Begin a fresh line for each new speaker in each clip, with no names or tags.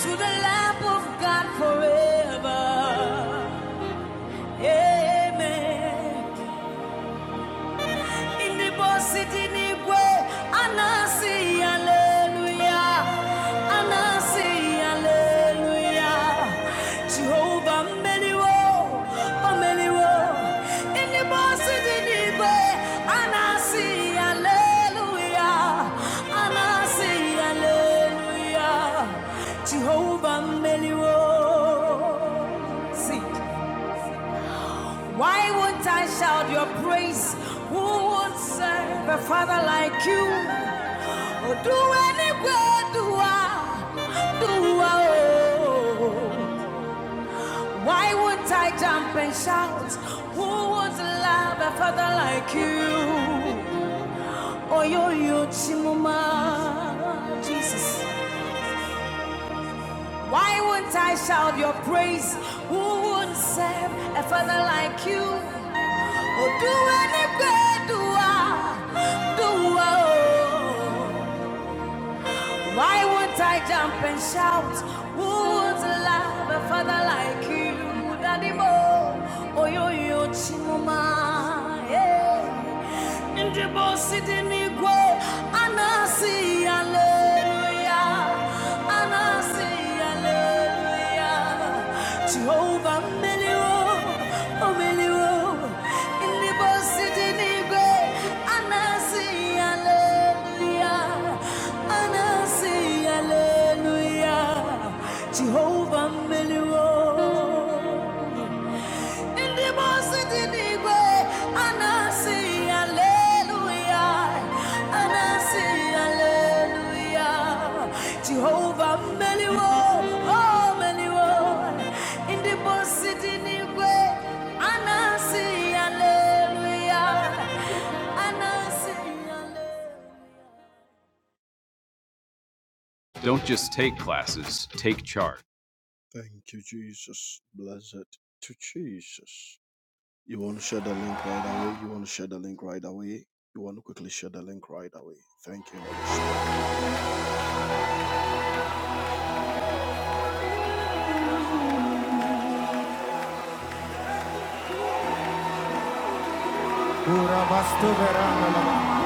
to the lamp of God forever. Amen. Ndị si dị n'igwe, a na-asị haleluya, a meliwo. Ndị bọsị dị n'igwe, a na-asị haleluya, a na See. Why won't I shout your praise? Who would serve a father like you? Oh, do any good, do I, do I, oh. Why won't I jump and shout? Who would love a father like you? Oh, yo, yo, Chimuma, Jesus. Why won't I shout your praise? Who would serve a father like you? Oh, do any great do I, do I, oh. Why would I jump and shout? Who would love a father like you, Daddy Bo? Oh, yo, yo, Chimoma. Yeah. In the boss, it in the go. Anasi, hallelujah. Anasi, hallelujah. Jehovah, Melio, oh, Melio. In the boss, it in the go. Anasi, hallelujah and I say hallelujah, Jehovah Meliwo. In the most in the way, and I say hallelujah, and I say hallelujah, Jehovah Meliwo, oh Meliwo. In the most in the way, and I say hallelujah, and I say hallelujah. Thank you, Jesus. Blessed to Jesus. You want to share the link right away? You want to share the link right away? You want to quickly share the link right away? Thank you, Holy Spirit. Urabastu verandala,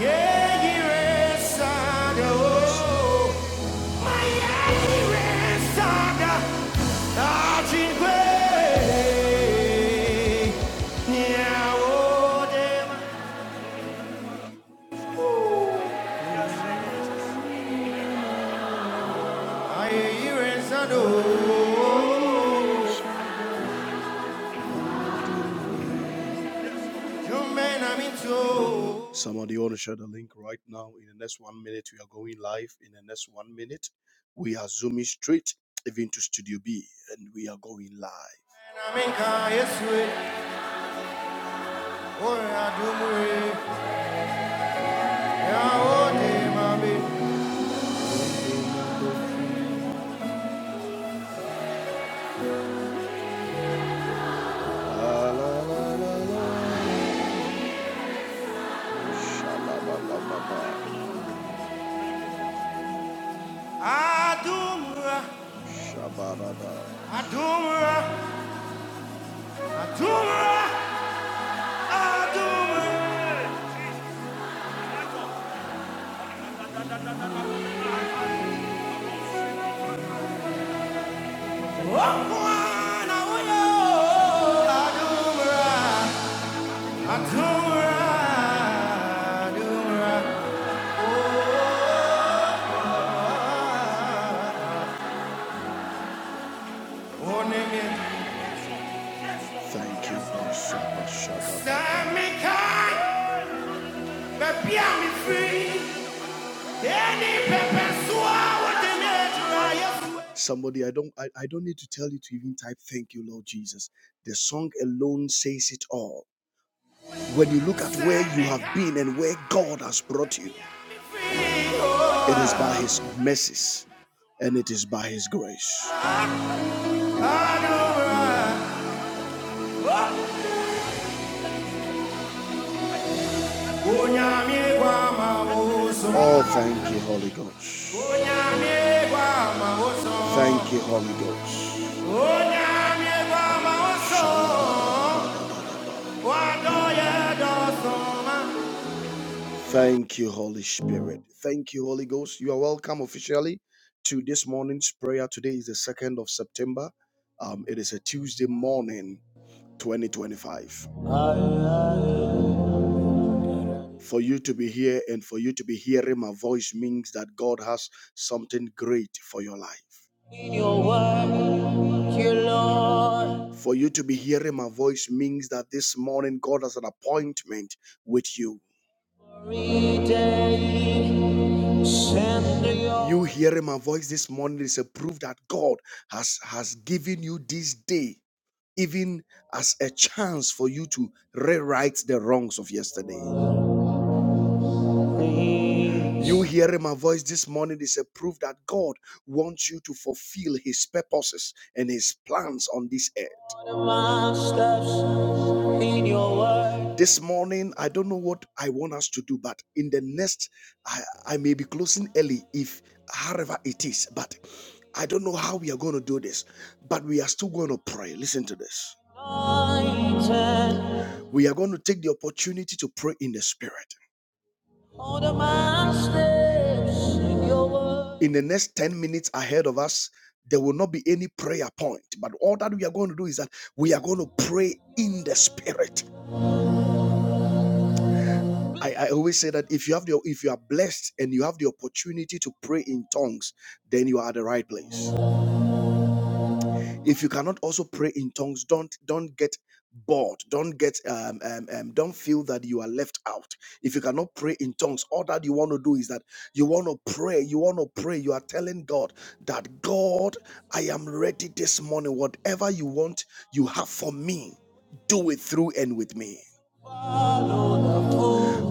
Yeah, he ran saga. Somebody want to share the link right now. In the next one minute, we are going live. In the next one minute, we are zooming straight even to Studio B, and we are going live. oh, eh, yeah, oh, Shabba-ba-ba-ba-ba. Adumra, Shabba-ba-ba. Adumra, Adumra, Adumra. Wakwana wuyo, Adumra, Adumra, Adumra. Onemi, Thank you, Lord. Shabba-shabba. Samikai, Somebody, I don't I, I don't need to tell you to even type thank you, Lord Jesus. The song alone says it all. When you look at where you have been and where God has brought you, it is by his mercies and it is by his grace. Oh, thank you, Holy Ghost. Thank you, Holy Ghost. Thank you, Holy Spirit. Thank you, Holy Ghost. You are welcome officially to this morning's prayer. Today is the 2nd of September. Um, it is a Tuesday morning, 2025. For you to be here and for you to be hearing my voice means that God has something great for your life. In your word, dear Lord. For you to be hearing my voice means that this morning God has an appointment with you. You hearing my voice this morning is a proof that God has has given you this day even as a chance for you to rewrite the wrongs of yesterday. You hearing my voice this morning is a proof that God wants you to fulfill his purposes and his plans on this earth. This morning, I don't know what I want us to do, but in the next, I, I may be closing early if however it is, but I don't know how we are going to do this, but we are still going to pray. Listen to this. We are going to take the opportunity to pray in the spirit in In the next 10 minutes ahead of us, there will not be any prayer point. But all that we are going to do is that we are going to pray in the spirit. I, I always say that if you have the if you are blessed and you have the opportunity to pray in tongues, then you are at the right place. If you cannot also pray in tongues, don't don't get bored. Don't get um, um um don't feel that you are left out. If you cannot pray in tongues, all that you want to do is that you want to pray, you want to pray, you are telling God that God, I am ready this morning. Whatever you want, you have for me. Do it through and with me.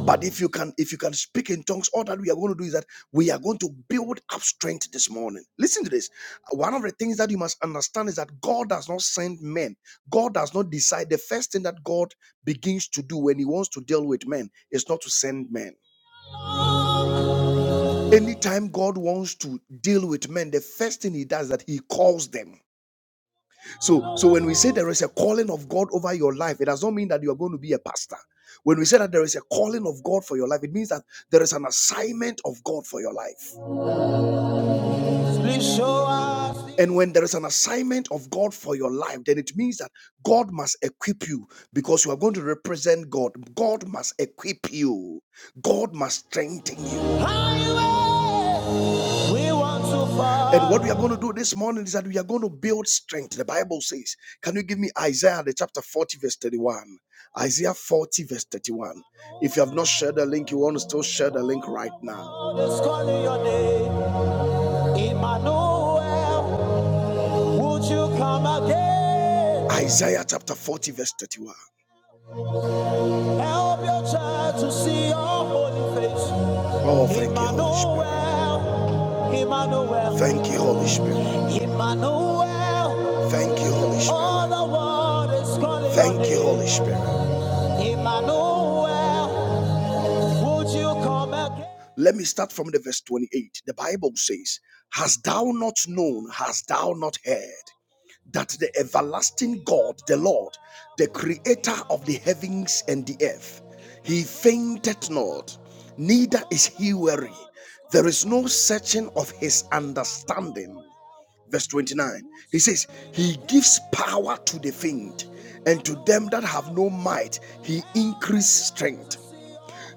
But if you can, if you can speak in tongues, all that we are going to do is that we are going to build up strength this morning. Listen to this. One of the things that you must understand is that God does not send men. God does not decide. The first thing that God begins to do when He wants to deal with men is not to send men. Anytime God wants to deal with men, the first thing He does is that He calls them. So, so when we say there is a calling of God over your life, it does not mean that you are going to be a pastor. When we say that there is a calling of God for your life, it means that there is an assignment of God for your life. Yes, please show us. And when there is an assignment of God for your life, then it means that God must equip you because you are going to represent God. God must equip you, God must strengthen you. we want to fall. And what we are going to do this morning is that we are going to build strength. The Bible says, Can you give me Isaiah, the chapter 40, verse 31? Isaiah 40, verse 31. If you have not shared the link, you want to still share the link right now. Emmanuel, would you come again? Isaiah chapter 40, verse 31. Help your child to see your holy face. Oh, thank Emmanuel, you, Holy Spirit. Emmanuel, Thank you, Holy Spirit. Emmanuel. Thank you, Holy Spirit. All the world is calling Thank you, Holy Spirit. Emmanuel, would you come again? Let me start from the verse 28. The Bible says, Hast thou not known, hast thou not heard? that the everlasting God, the Lord, the creator of the heavens and the earth, he fainted not, neither is he weary. There is no searching of his understanding. Verse 29, he says, He gives power to the faint, and to them that have no might, he increases strength.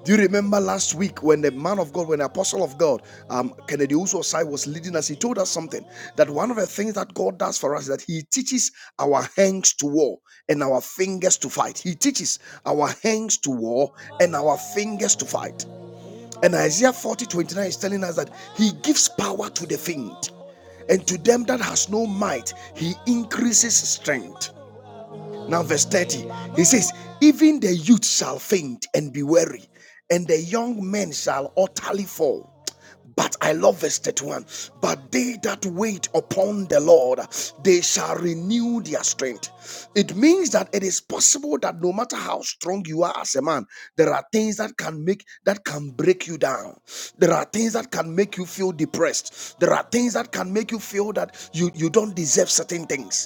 Do you remember last week when the man of God, when the apostle of God, um, Kennedy Usosai was leading us? He told us something that one of the things that God does for us is that He teaches our hands to war and our fingers to fight. He teaches our hands to war and our fingers to fight. And Isaiah 40 29 is telling us that He gives power to the faint, and to them that has no might, He increases strength. Now, verse 30, he says, Even the youth shall faint and be weary, and the young men shall utterly fall. But I love verse 31. But they that wait upon the Lord, they shall renew their strength. It means that it is possible that no matter how strong you are as a man, there are things that can make that can break you down. There are things that can make you feel depressed. There are things that can make you feel that you, you don't deserve certain things.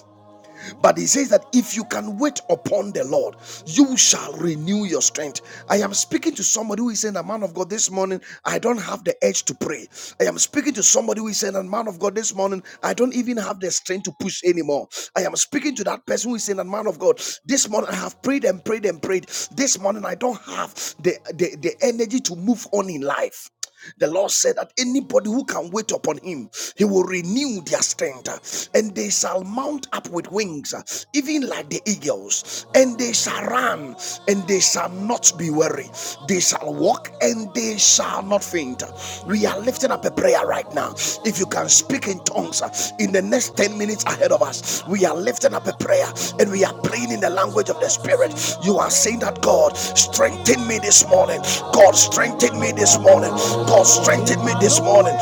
But he says that if you can wait upon the Lord, you shall renew your strength. I am speaking to somebody who is saying, "A man of God, this morning I don't have the edge to pray." I am speaking to somebody who is saying, "A man of God, this morning I don't even have the strength to push anymore." I am speaking to that person who is saying, "A man of God, this morning I have prayed and prayed and prayed. This morning I don't have the the, the energy to move on in life." The Lord said that anybody who can wait upon him, he will renew their strength, uh, and they shall mount up with wings, uh, even like the eagles, and they shall run, and they shall not be weary. They shall walk, and they shall not faint. We are we are lifting up a prayer right now. If you can speak in tongues uh, in the next 10 minutes ahead of us, we are lifting up a prayer and we are praying in the language of the Spirit. You are saying that God strengthen me this morning. God strengthen me this morning. God strengthen me this morning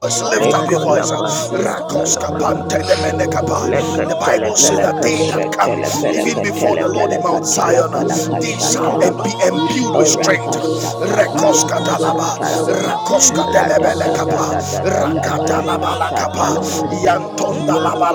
let lift up your
Lekola
voice.
pasia
Rakoska
talabaha.
pantenemenekapa.
Leka
The Bible says that
telepeleka
they that
shet
come even
telepeleka
before the Lord in
telepeleka
Mount Zion,
talapalaka
they
shat
shall be
talabaha.
imbued with strength.
Oraka shat
Rakoska
talapalaka shat
dalaba,
talabaha.
rakoska
Rada da da da da
delebelekapa,
da da balaka
rakadalaba
shat
lakapa,
talabaha.
yantonda laba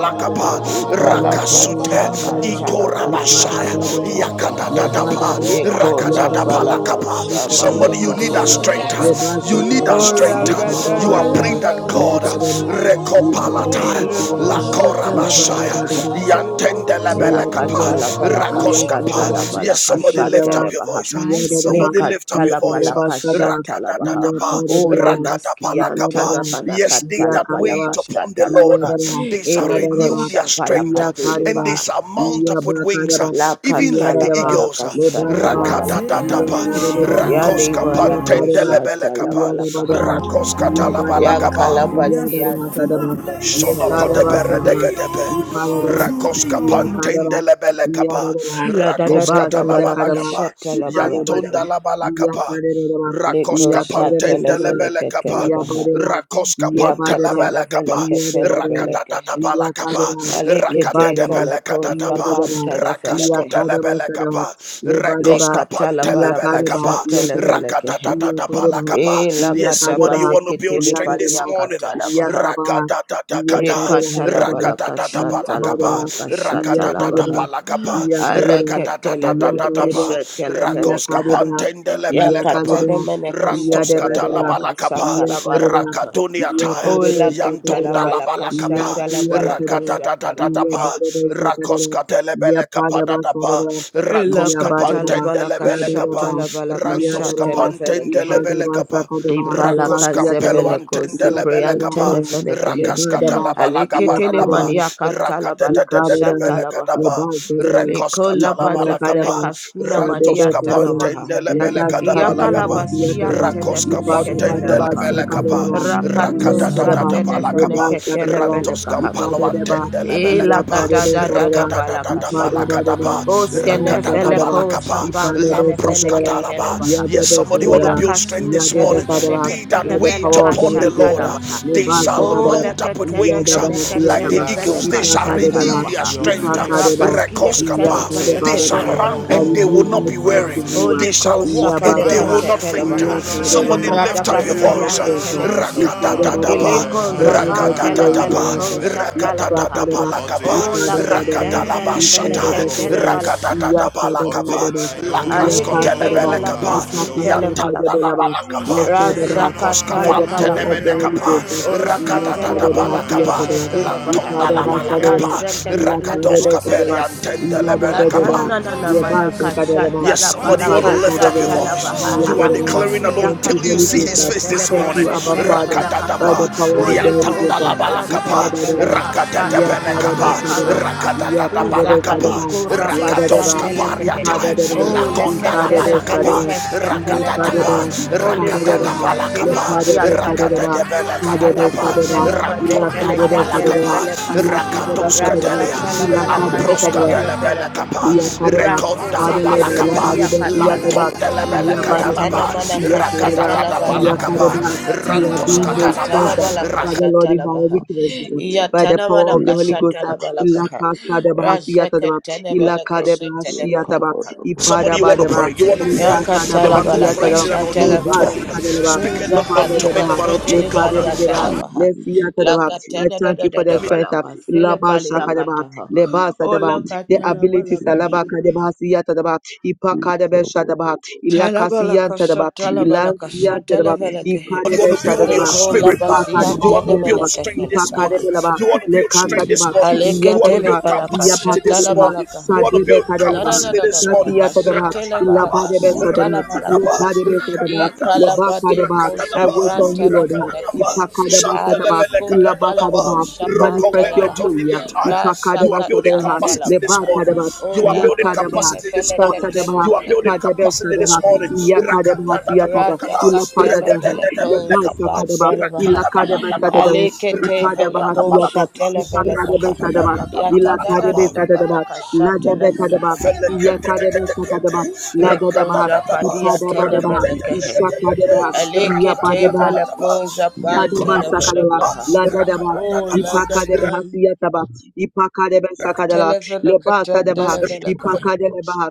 Ikala
lakapa, Rakete,
pasaka talabalaka shat
Ikorabashaya,
talabaha.
Lebadada,
Yakadadadapa,
Yekola
Yabadada,
balaka
Rakadadapalakapa.
Yukadada,
Somebody, you
shamaneka
need that
Sadada,
feleka
strength.
he.
You need that
Lebasadada,
strength.
Oraka da
You
da
are
da
Yukadabadada,
praying that
da.
God,
Yadadada, Yukadada,
Rekopalata,
Siyadada,
Lakorabashaya,
Rekosatalabalaka.
Yukadabadada,
Yantendelebelekapa,
Yakadada,
Yakatalabalaka
Yakadada,
Rakoskapa. Yes,
shatalabalaka
somebody lift
Yukadaba,
up your
shatalabaha.
voice. Somebody
Yadadaba,
somebody lift up your voice.
Lekatalabalaka
Yukadabasadaba,
shatalabaha.
Rakadadadapa,
O
Yakadabadaba,
lemaskian
Yukadaba,
rakadapalakapa.
tanavanaka
Yes, they that
talabalaka
wait
Yakadaba,
upon the
Iya
shatalabaha.
Lord,
daraha,
they shall
ya
Eleko
renew
daraha,
their
shapalaka
iya
strength, and
kareba,
they
telepaha.
shall mount
iya
up with wings,
bakareba,
even
iya
like the
daraha,
eagles.
Lakatalabalaka
leba deba,
shatalabalaka
iya
ha.
Rakadadadapa,
kareba deba,
Yani
rakoska
iya
walako
kareba, iya
pantendelebelekapa,
deba
shatalabalaka ha.
deba,
rakoska
iya badaba,
talabalakapa.
iya
Yakalabasian
daraha sadaba,
tanavanaka
ye kareba
telebaha.
sadaba,
Shalapadeberedekedebe.
i paradaba,
Rakoska
iya kareba,
pantendelebele
iya
kapa.
daraha,
La da da da
Rakoska
leba
da
sada
talabala
balaka
kareba,
kapa.
i
shatala
padaba
balaka fa.
Yantonda
daba,
labala
iya
kapa.
kareba deba,
Liko
Rakoska
iya kareba
shatele
sadaba,
pantendelebele
feleke
kapa.
tele
iya
baha.
badaba,
Rakoska
iya
Yaka
pantele
badaba
bele
tele
kapa.
de
feleke
de
tele
Badea,
beleke he.
Via
Rakatatatapala kapa.
Cadera, le
Alike te
Badaba,
Rakatetepele
feleko
Via de
katatapa.
shapan
Baba,
tele
Via
feleke he.
Cadaba
Rakaskotelebele
Sada,
kapa.
le Yadabada,
Rekoska
Lika tala
pantelebele
balaka
Yakadara,
kapa.
shatele feleke he.
rakatata
Lebadaba,
E
Yadabada,
la
Yes,
gata
somebody you
Yakadaba
want to
basiki
build
Sadara,
tili
strength
Lebadeba,
this
paliyaka
morning.
tala baha.
Yakadeba, Yadabada, Yakadeba,
Rakatatatakata.
Yika tala
Yakadeba,
balaka shatala
Rakatatatapalakapa.
balaka
Yadaba, Yakaba, Yakadera Hakadaba,
shatala
Yabadara,
baha.
Rakatatatapalakapa.
Yakadeba,
Aleke tele beleke
Yakadera, Yakadeba,
Rakatatatatapa.
shatele feleke Ya
Rakoskapantendelebelekapa.
Yakadeba,
katele
Yakadeba,
mene keshetele
Yadabadara,
bela
Rantoskatalabalakapa.
kashatala bala
Yakadeba, Iya
Rakaduniataya.
pada
Ola
desa
katala
kadera,
bala
iya
Yantondalabalakapa.
kashatala
sia
bala
kadera,
kashatala
iya
baha.
Rakatatatatapa.
pada desa kadera, iya pada
Rakoskatelebelekapa
masa
kapa
dera,
Ela
rakos
iya pada
katala
maha
kapantende
bala
la
lebele
dera
kapa
maha,
kashatala bala
iya
rantos
dera,
kashatele fele
i
kapantende
kehe.
pada
lebele
masa
kapa
kadera maha
Ibala
kadera maha
rakos
sia
kampelo
kadera,
kazepele
antende
kosi
iya pada
lebele
maha
kapa
priantene
dera,
fele
le
kehe.
rakas
pada maha,
katalabala
iya
gabada
Aliketene
pada
dapa
maha,
maria katala
i
bala
kada
rakatetete
dera,
pele
kashatala baha.
le
kadapa
basa dera,
rekos
i
Lekola
pada
katalabala
kada
bazafele
kapa
maha,
kaskina
sa
rantos
dera
badia
kada maha,
tanamaha.
kapantende
la
lebele
das
kadapa
kada
Yakala
maha
lagapa
sia
baskia
kadera,
rakos
i pada
tenefeleke
maha
kapantende
telebaha.
basa
lebele kapa
kadera
Rakato
Yantadaba,
rakatatata pala
shatenefeneke
kapa
Yabasakadaba,
antos
telepelekaha.
campalo
Ipadadaba,
antende lebele
Yakadebe Sadaba,
rakata da da
Elagadadadadabalakashaha.
Ipadabadaba,
rakata da
Yabasakadaba,
pala
Oskenefeleko shapan
Ipadebe
lampros
tenefeneke
Sakadaba,
katalaba
telebaha.
yes
Yadebe
somebody want to
Kadaba,
build strength
Ulakashun
this
Yadebe
morning
Kadaba,
tenefeneke
they that
by the
wait
power of
telepeleka
the
upon the
Holy Ghost,
Lord uh,
shatalabaha.
they shall
Lebasakadaba,
mount
Oleke
up with wings uh,
Yadaba
tenefeneke
like the
Hasiyatama,
eagles they
telepeleka
shall renew
Ipakadaba,
their
shatalabaha.
strength uh,
Ipakadaba,
Rapaskian
they
tenefeneke
Yakadabadaba,
shall run
I
telebaha.
and they will
renew
not
my
be
strength
weary
in you.
they
Ole ko
shall walk and
sapale
they will
Yabadaba,
not
kasetele
faint
baha.
will
Yakadaba,
Somebody
Rada
lift up
that
your
are not
voice.
paskian
faint.
telefehe.
Rakadadadaba,
Yakadabadaba,
Ele ko
that I
zafa
not be worried in
telefele
rakadadadaba,
life.
ko shatala baha.
rakadadadaba
Yakadaba,
lakapa,
Ola
Yakadabadaba,
katende
rakadalaba
lefele
shata,
ketele
Yakadabadaba,
balakaha.
rakadadadaba lakapa,
Yakadabadaba, Yakadabadaba,
lakrasko
Aleke le
Yakadabadaba,
telebele
palaka
kapa,
su tele
yantanda
balakaha.
laba lakapa,
Yakadabadaba,
Rasha
rakoska
by
katala
the power of the
vantenemene
palakaha.
Holy
kapa,
Ghost.
Ola katele
rakadadadaba
Yakadabadaba,
pele
lakapa,
Yakadabadaba,
keshetele baha.
lantonda laba
Yakadabadaba,
lakapa,
Raseke tele
rakadoska
felekehe.
pele
Yakadabadaba,
antendelebele
Yabba-dabba-dabba,
Yatana
kapa.
na na na mana
yabba-zabba-dabba,
kashata
Yes,
la
somebody
bala
want to lift up your
yippa-dabba-dabba,
kashata la baha
voice.
ha
You are
ha.
yabba-dabba.
declaring that
Thank
Yaka
until
you,
you
Holy
see
tele
Ghost.
his
uh,
mene
face
fele
this
Thank you,
morning.
Abba
kashata le
Father,
pele kaha.
by the
Rakatadaba,
power of the
Holy
Holy Ghost.
Ghost
uh,
upon tele
liatandalabalakapa,
fele
yippa-dabba-dabba,
kashata ha.
rakatadabenekapa,
Lika la
yabba-dabba-dabba,
baha. Uza
rakatadadabalakapa,
yabba-dabba-dabba,
paliko rabasa
yabba-dabba,
tele fehe.
rakatoskapariata,
yippa-dabba-dabba,
Oh leke tele fele
lakondalabalakapa,
yikka-dabba-dabba.
kashata le baha.
rakatadaba, rakatadaba,
Holy
Ilaka
Rakatana
Ghost atili
balakapa,
Lord
paliata
rakatana
Jesus.
balakatapa,
Alakatana
Lord, thank God for
madefele
rantondana
ketele
something.
balakapa,
fele kaha.
Come,
rakatos
Father,
kadelia,
come,
Rasata la
Father, come,
pala
Father, come,
lampros
kashetele
kadele
fele kaha.
balakapa,
Father, come,
Yakarebat,
Raso
rekondana
Father Lord,
setele
Father,
I love
balakapa,
come,
palia
Baribat,
Sunday, come,
katala
Yakarebat,
baha.
Father,
lantondele
come, Father, come,
Yabarebat,
balakatalaba,
Yatana
Father, Lord, Lord,
mana
Yakarebat,
kashata la
rakatana
bala kaha.
balakapa,
Lord,
Yakarebat,
Lord,
you are
Sunday,
rantos
being made
katalaba,
Yakatala
strengthened.
bala
Father
Father,
Lord,
kashata
in
la
come,
our
baha.
Father, Sunday,
weaknesses, uh,
Lord,
by the
Yatana
power
mana
of the
Lord,
Holy
come, Father,
kashata
Ghost, uh,
la bala
Sunday,
kaha.
Father,
Ilakasadabahasiyatadaba,
Razeketene
Father,
bele
Lord, Lord,
kashetele bele
come,
Ilakadabahasiyataba,
kaha.
Father, come, Sunday,
Somebody you
Lord, Lord, Lord, Lord, Lord, Sunday, Lord, Father, Lord, Lord, Lord, Lord, Sunday, Lord, Lord,
want to
Ipadabadaba,
pray. You want to pray. The one who
Yakatalabalaka
prays
Likasadabahasiyatadaba,
in an unknown
shatalabaha.
tongue,
Lebasakadadaba,
speaking
Lord,
Uza
not unto men
falika
Ipadadabaha,
but unto
sotele
God.
Lekadabadaba,
How
paliatalabaha.
Lesiyatadaba. I
Lakatana da
thank
da
you
da
for the
da
strength. uh,
balaka sele
Labashakadaba,
paliakataha. O
Lebasadaba,
Father, Lord,
the
Lord, Lord,
abilities
lakatalabalaka
Sunday,
sha.
alabaka de basia tadaba
Sunday,
ipaka de besha daba ilakasia
Talabalaka
tadaba
shatalabalaka
ilasia tadaba
shatalabalaka.
ikade
you want to
besha
build your
daba
Neko
spirit, man.
ipaka
labazia
de
You want to
basia
build
daba
tenemeneke
strength this
ipaka de
felekaha.
morning.
belaba
You want to build
lekasa
strength this
daba
morning.
Aleke
You
iyada
want to
tele
build
daba
palaka
capacity
iyapaka
this
daba
morning.
shatalabalaka.
You want to
sadebe
build
kaha
kadalaba
capacity this morning.
sasia Ila ba
Rakatadaba,
de be sa de Le
rakatadaba,
pa de Le
rakatadaba,
ba I
rakatadaba,
wait on you, Lord.
rakatadaba,
Ipa ka de ba
shantelebele katadaba,
baha
you
rada da da
Manifest your
da
glory. Ipa ka de
are
ba sa
building
de ba.
capacity
Le ba
this
Rasakatalabalakaha.
ka
morning.
de kadebe
You are
Ya
building
ta de ba.
capacity this
Sa
morning.
ta de ba.
You are building
Ka de
Olakatelefeleketelebekehe.
be sa
capacity
de
this morning.
Si
Rakatatatapalakata,
Ila pa de de
Sunday,
Radakatelevelekosapandelebaha.
Ila ka de ba sa de de si
Sunday,
Aleketevelekoshatelevelekeha.
Ila
Libidini
ka de
Baba,
La
Libudu
dabekadaba, Ladabekadaba,
kaha.
Bobu Sundu,
Yakadebesakadaba,
Leko
Ladadaba,
Zafadia
Ipadabadaba,
Libudu
Tenemenekehe.
Bobu
Isakadaba,
Sundu,
Aleke
Yapadeba,
Teveleko Zapan
Liba
Adaba sakadala,
Baba
Tenevenekaha.
La
Sundu,
ladadaba,
O
Libudu
ipakadebe
Lagatai.
hasiyataba,
Sundu,
ipakadebe sakadala, leba
Televenekatan
sadaba,
Liba
Televenekaha.
ipakadeleba,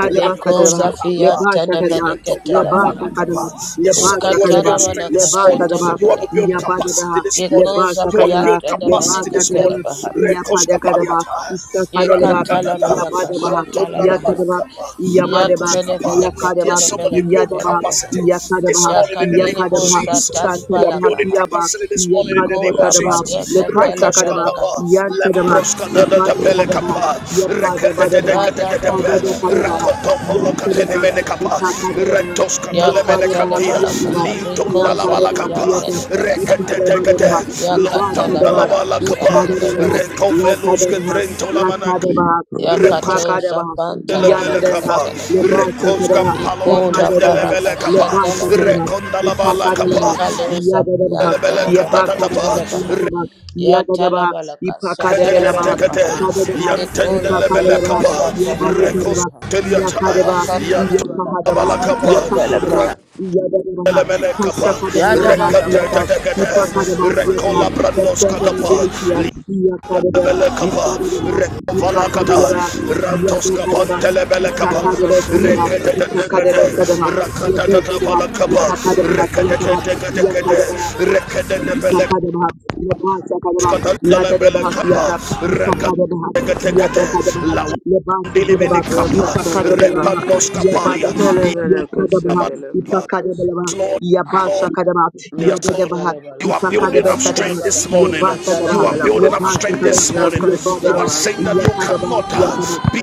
Baba
Leko
satadaba,
Kaba,
Zafian
leba sakadaba, leba
Tenevenekatelabaha.
Libudu
sakadaba,
Yes,
leba
Kaba
somebody want to build
Lekatana
sakadaba,
Sundu,
strength this
leba
Manakasha
morning.
sadaba,
You
Likada
want to build
Televenekahe.
Sundu,
capacity
iyabadeba,
this morning.
Leko
leba
You want to
Zapian
sakadala,
build
leba
capacity this
Libudu
morning.
sakadaba,
Tenevenekatelabaha.
Bobu Sundu,
iyapadakadaba,
Rekoskapaliata,
isakadeleba,
Radakatata,
Likada
Yekatalabalakasha
Baba,
Talabaha.
iyabadaba,
Lantondalabalakapa,
Yan
Yabadaba,
Libudu
Rakoskapa.
Bobu
Yakadaba,
Yes,
Sundu,
somebody build
Yadaba,
Tenevenekatelevenekatelabaha.
capacity this
Yakadaba,
morning in the name of
Yakatilibo
Likada
Yakadaba,
Baba,
Jesus. You are
Satadaba,
building
Satalibalakaha.
Siaba,
capacity this morning in the
Yakadaba,
name of
Ikola
Likaba
Sadaba,
Jesus.
Sundu,
badeke
Lepa Sakadaba,
telebelekaha.
Rekoskadaba,
Yantadaba, Ipada
Likaba
Kadaba,
Lemproskadadadapelekapa,
Yapada
Sunday,
Badaba,
Rada da da
Rekedededekadedebe,
Sadada
da da da da
Kadaba,
da
we
baraka
Yantadaba,
shada da
Rakotopolokatenemenekapa,
baha.
Ipakadaba,
Yaka
Yabadaba,
Retoskatelemenekatia,
Yataba,
telebelekaha. Liko
Yakadaba,
zafiya
Lintondalabalakapa,
Yata,
telebelekaha.
Ipada
Rekededekede,
Badaba,
Yaka
Leba Sadaba,
telebeleka
Lontondalabalakapa,
Ikadaba,
shatelebelekaha.
Lakadaba,
Rekoveluskedrentolamanaka,
Lakadaba,
cover
Yaka
Rekos-
to
Yepakadaba.
japan
Yada
Delebele
de
telebeleka
kapa,
rap, le
telebaha.
basa
rekos
de rap,
kampalo
Ikola
ipada
antende
de rap,
baraka
lebele
le
kapa,
basa de rap,
shatelebelekaha.
rekonda la bala
ipapa de
kapa
rap,
Ikaloza
yada de rap,
piyante
lebele
neveleka
yabaka de
katatapa
rap,
telebaha.
yada rap,
Ya
yada de rap,
talabalaka
ipaka de bela rap,
sheteleveleka
reketetetekete
ha.
sada de rap,
yantende
Nikola
ipaka de
lebele
palaka
rap,
kapa
yabade de
sheteleveleka
rap,
ha.
rekosteliata
yaka de
Ya
rap, yapaha de
katalabalaka
yantobala
rap,
kapa
yapaka de
sheteleveleka
rap,
ha.
yada de rap,
rantelemene kapa
kashaka de
Ya
bela
da da
rap,
da bo
yada,
shana
reketetetekete
na
ipaka
na
de
na na
rap, yada
rekola
rap,
manaka ha.
the
brandos
strength and
katapa
ability of yaka de rap,
lebele kapa
isada de rap,
rekovala
ipaka
kata
de rap,
rantos
Yabakadaba,
kapantelebele kapa
Ya
Itakadebe Kadaba,
katalabalaka
reketetetekete
Itakadebe
Sunday, we
Sadaba,
sheteleveleka ha.
cover
Yabakadaba,
rakatatapala
Thank
kapa
Itakadebe Hasiakaba,
reketetetekete
Yakadaba,
reketetetekete
Ipakadabaha, Lebasakadabaha,
Katandala bele
Ladadabaha
kapa,
Fiata, Ipakadabaha,
rekatekete,
Yabakadabaha,
lawandilimini
Lebasakadabaha,
Ya
kapa,
katalabalaka
Ipakadabelabaha,
repandos kapalia,
Yabadabaha,
sheteleveleka
Yakadabaha,
yamalapa.
sheteleveleka
Ipakadabelabaha,
Yes, Lord, yes, Lord,
Yabasakadabaha,
yes, Lord.
Yadadabaha,
You are
Yakatalabalaka,
building up
Ipakadabesadabaha,
strength this
shatalabalaka,
morning. You
Yabasadabaha,
are building up
shatalabalakaha.
strength
Lebasakadabaha,
this morning. You
Yabadabaha,
are saying
Yakatalabalaka,
that you
Yakadabaha,
cannot
Yataba,
uh, be,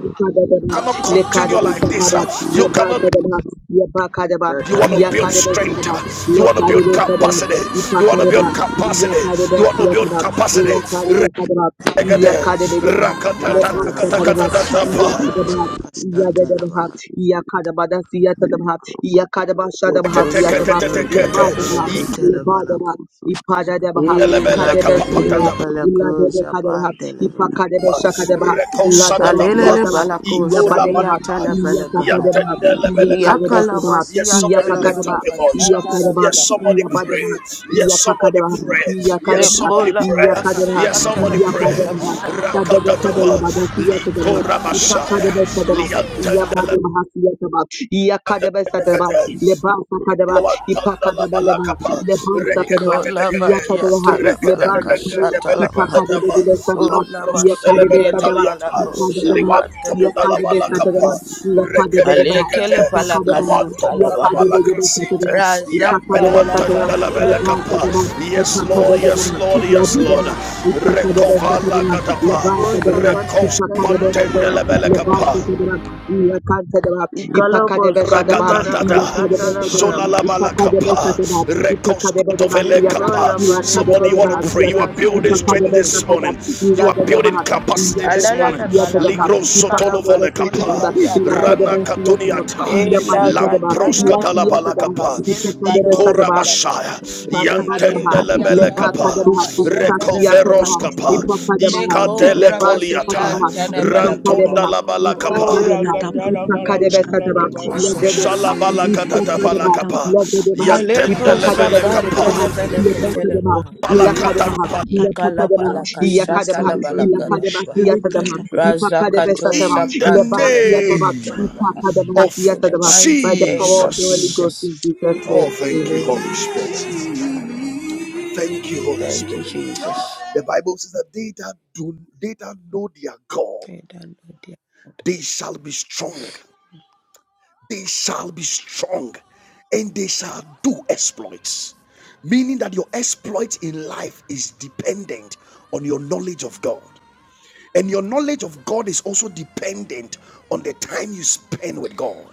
you
Ipadadabaha,
cannot continue like this.
Lekadabesakaba,
uh. You cannot. Be,
Lebasadabaha, Yabakadaba,
you want to build
dadadadadadadada.
strength.
Yakadabesadabaha,
uh. You want to build
Lekadabesadabaha,
capacity. You want to
Ipakadaba,
build capacity.
Yakadebe,
You want to build
Yakadab,
capacity.
Yakadebe, Yakadab,
Egede,
Yakadebe, Yakadab, Lebron,
you.
Yakadab,
Yatalabalaka,
rakatatatakatakatatatapa,
Yakadab,
shatalabalaka,
Yakadab,
shatalabaha.
Yakadabada, Yakadab, Yakadaba, Shadaba,
Yakosha
Yakadab,
teketeketeketekete,
Lebadaba,
prantelefeneke telebalaka.
Lebadaba, Ipadadaba,
ikundelebele
Kadebe,
Ilagatile
Sadaba,
kapapatatapa,
palako,
Iladebe, Kadaba,
japandelebaha.
Ipakadebe, Shakadaba, Ladaba,
rekosadadapa,
Alelele
Yakadab,
balako, shamiya
Yabadeba,
ikolamanaka,
telefelekaha.
Yapakadeba,
yatendelebele
Yakadebe,
kapa.
Sadaba,
Yes,
Yakalamasia
somebody lift
Yapakadeba,
up
telebalaka,
your voice.
Yakadaba,
Yes, somebody
shatalabalakaha.
pray.
Yabadeba,
Yes, somebody
Yapakadeba,
pray. Yes,
Iyakadabahat,
somebody
Nicola
pray.
Balaka
Iyakadabahat,
Yes, somebody
Shatala
pray.
Veleka
Iyakadabahat,
Televeleka
Rakata tapa.
Kadabakadalabadat,
Rakatatapa,
Baha.
Iyakadabahat,
likorabashaya,
Ipakadabasadabat,
liantendelebele
Iyakadabahat, Iyakabat, Iyakadabasadabat, Lebasakadabat,
Lawatanda la
Ipakadabadabat,
balakapa,
Lebasakadabat,
Nicola
reketetetekete,
Vadia
Iyakadabahat,
Talabalaka
reketetetekete
Lebasakadabat,
Shatala
Sunday,
Baha.
belekateteba,
O
Ipakadabasadabat,
Lama
lamproskotele
Sekele
Iyakadabasadabat,
benetaliata,
Palako
Ipakadabahat,
Shapranta de
liwantunda la
Yakadebe
Veleke.
balakapa,
Satadaha, Lapadebedebaha,
reketetekete,
Alekele Palaka
Ipakadebaha,
Sutala
lawantunda la
Baha.
Yakadebedebe
balakrasite,
Satadaha,
Razaka
Ipakadebe Satadaha,
yampelwantanda la
Labasia
belekapa.
Lebasadebaha,
Yes,
Tanamanaka.
Lord, yes,
Ipakadebedebaha,
Lord, yes, Lord.
Labedebaha, Ipakadebe
Recover la
Satadaha,
katapa,
Rosa
Lebasadebaha,
Fatia
recover.
Ipakadebe
Pantende
Satadaha,
la
Tanamanaka.
belekapa.
Lebasadebaha, Yakantadabaha,
Ikalobos
Ipakadebe Sadabaha,
Kanimana
Ragadadada,
Yakadebe
Kashatala
Satadaha,
Balaka.
Solalamalakapa,
Ipakadebesakadati, Ipakadebedebasiata,
Rekoskotovelekapa.
Nicola
Somebody,
Baneco
you want to pray. You
Ilakadebedebahasiata,
are
Safia
building strength this
Tenemenekehe.
morning.
Ipakadebesakadati,
You are building
Iladedebaha,
capacity this morning.
Alala Balaka
Ligro
Iyadebahasiatadabahati,
Sikala Maskole
sotolovolekapa,
Ipakadebesakada,
Palia
Rana
Talabaha.
Ilakadebesiatadab,
katuniata,
Ela
Iyabadakadaba,
Gatana Nana Malaka
Lamproskatalabalakapa,
Ilasiatadabahati,
Sele Palo
Ipakadebesadabaha,
Salabaha.
Ikorabashaya,
can't
Kadabadabaha,
Alema
Leba
Diatana
Yantendelebelekapa,
Kadabaha,
Manaka
Sasia Kadabaha,
Shatelevenekehe.
Rekoveroskapa,
Ipa
Le
Kadabaha, Leba
Korabaskia
Ikatelekoliata,
Sakadabaha, Ipa
Tenemelekaha.
Kadabaha, Isa
Oh,
Rantondalabalakapa.
Kadabaha,
Ragatana
Ipa Kadabe
Malaka Tenemelekaha.
Ledebaha,
Shalabala
Isa
katata
Kadabaha,
palakapa.
Ledebaha, Ipa
Aleko
Yantendele
Kadabe
Sapan
kapa
Teneveneke
Leba Kadabaha,
Telebaha.
Ila
Palakata
Kadabaha,
pal-
Ila Kadabaha,
Ikalapalaka
Iya Kadabaha, Ila Kadabaha,
shatalabalagadadabaha.
Tadama, Ipa Kadabe
Razakato
In the
Sunday,
Leba Sia
name
Father,
Ipa
we
shaprantanefeneketelebaha.
thank
Kadabaha,
you.
Sia
of
In the
we
mighty
by the
name
give you praise, we
power
give
of
of
you
the
glory.
Holy
Jesus.
Ghost
Jesus.
in Jesus'
Blessed
Oh,
name.
be
thank
your
Amen.
you, Holy
name,
Spirit.
Jesus.
Thank you, Holy
Thank you,
Spirit.
Jesus.
The Bible says that they that do they that know their God,
Amen.
they shall be strong. They shall be strong and they shall do exploits. Meaning that your exploit in life is dependent on your knowledge of God. And your knowledge of God is also dependent on the time you spend with God.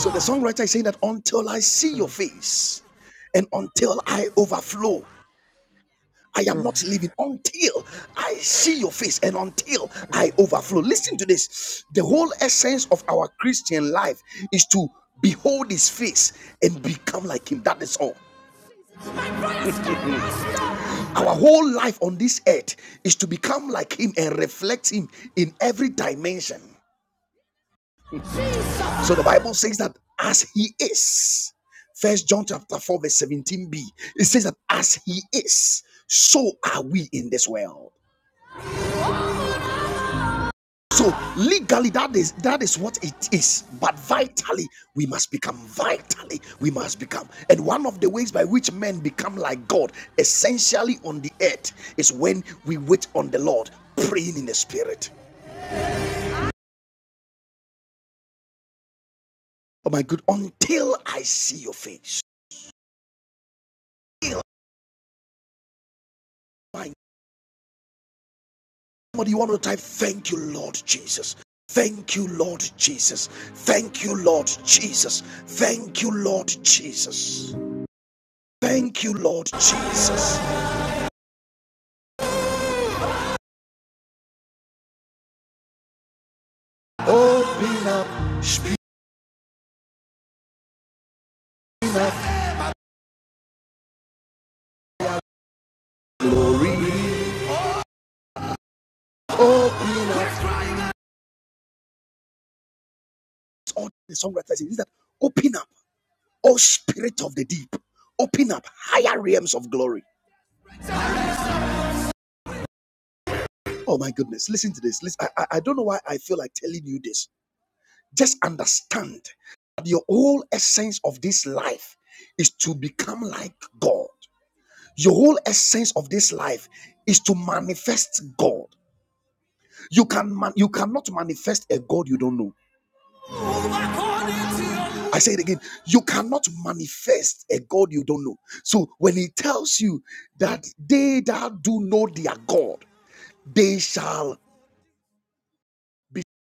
So the songwriter is saying that until I see your
Mm, mm,
face and until I overflow, I am
mm.
not living until I see your face and until I overflow. Listen to this. The whole essence of our Christian life is to behold his face and become like him. That is all. Our whole life on this earth is to become like him and reflect him in every dimension. So the Bible says that as he is, First John chapter 4, verse 17b, it says that as he is, so are we in this world. So legally, that is that is what it is. But vitally, we must become vitally, we must become. And one of the ways by which men become like God, essentially on the earth, is when we wait on the Lord, praying in the spirit. Oh my God! until I see your face. till my Somebody, you want to type, Thank you, Lord Jesus. Thank you, Lord Jesus. Thank you, Lord Jesus. Thank you, Lord Jesus. Thank you, Lord Jesus. Open up, spirit. the songwriter says that open up, oh spirit of the deep. Open up higher realms of glory. Oh my goodness. Listen to this. Listen, I, I I don't know why I feel like telling you this. Just understand that your whole essence of this life is to become like God. Your whole essence of this life is to manifest God. You can man, you cannot manifest a God you don't know. I say it again. You cannot manifest a God you don't know. So when he tells you that they that do know their God, they shall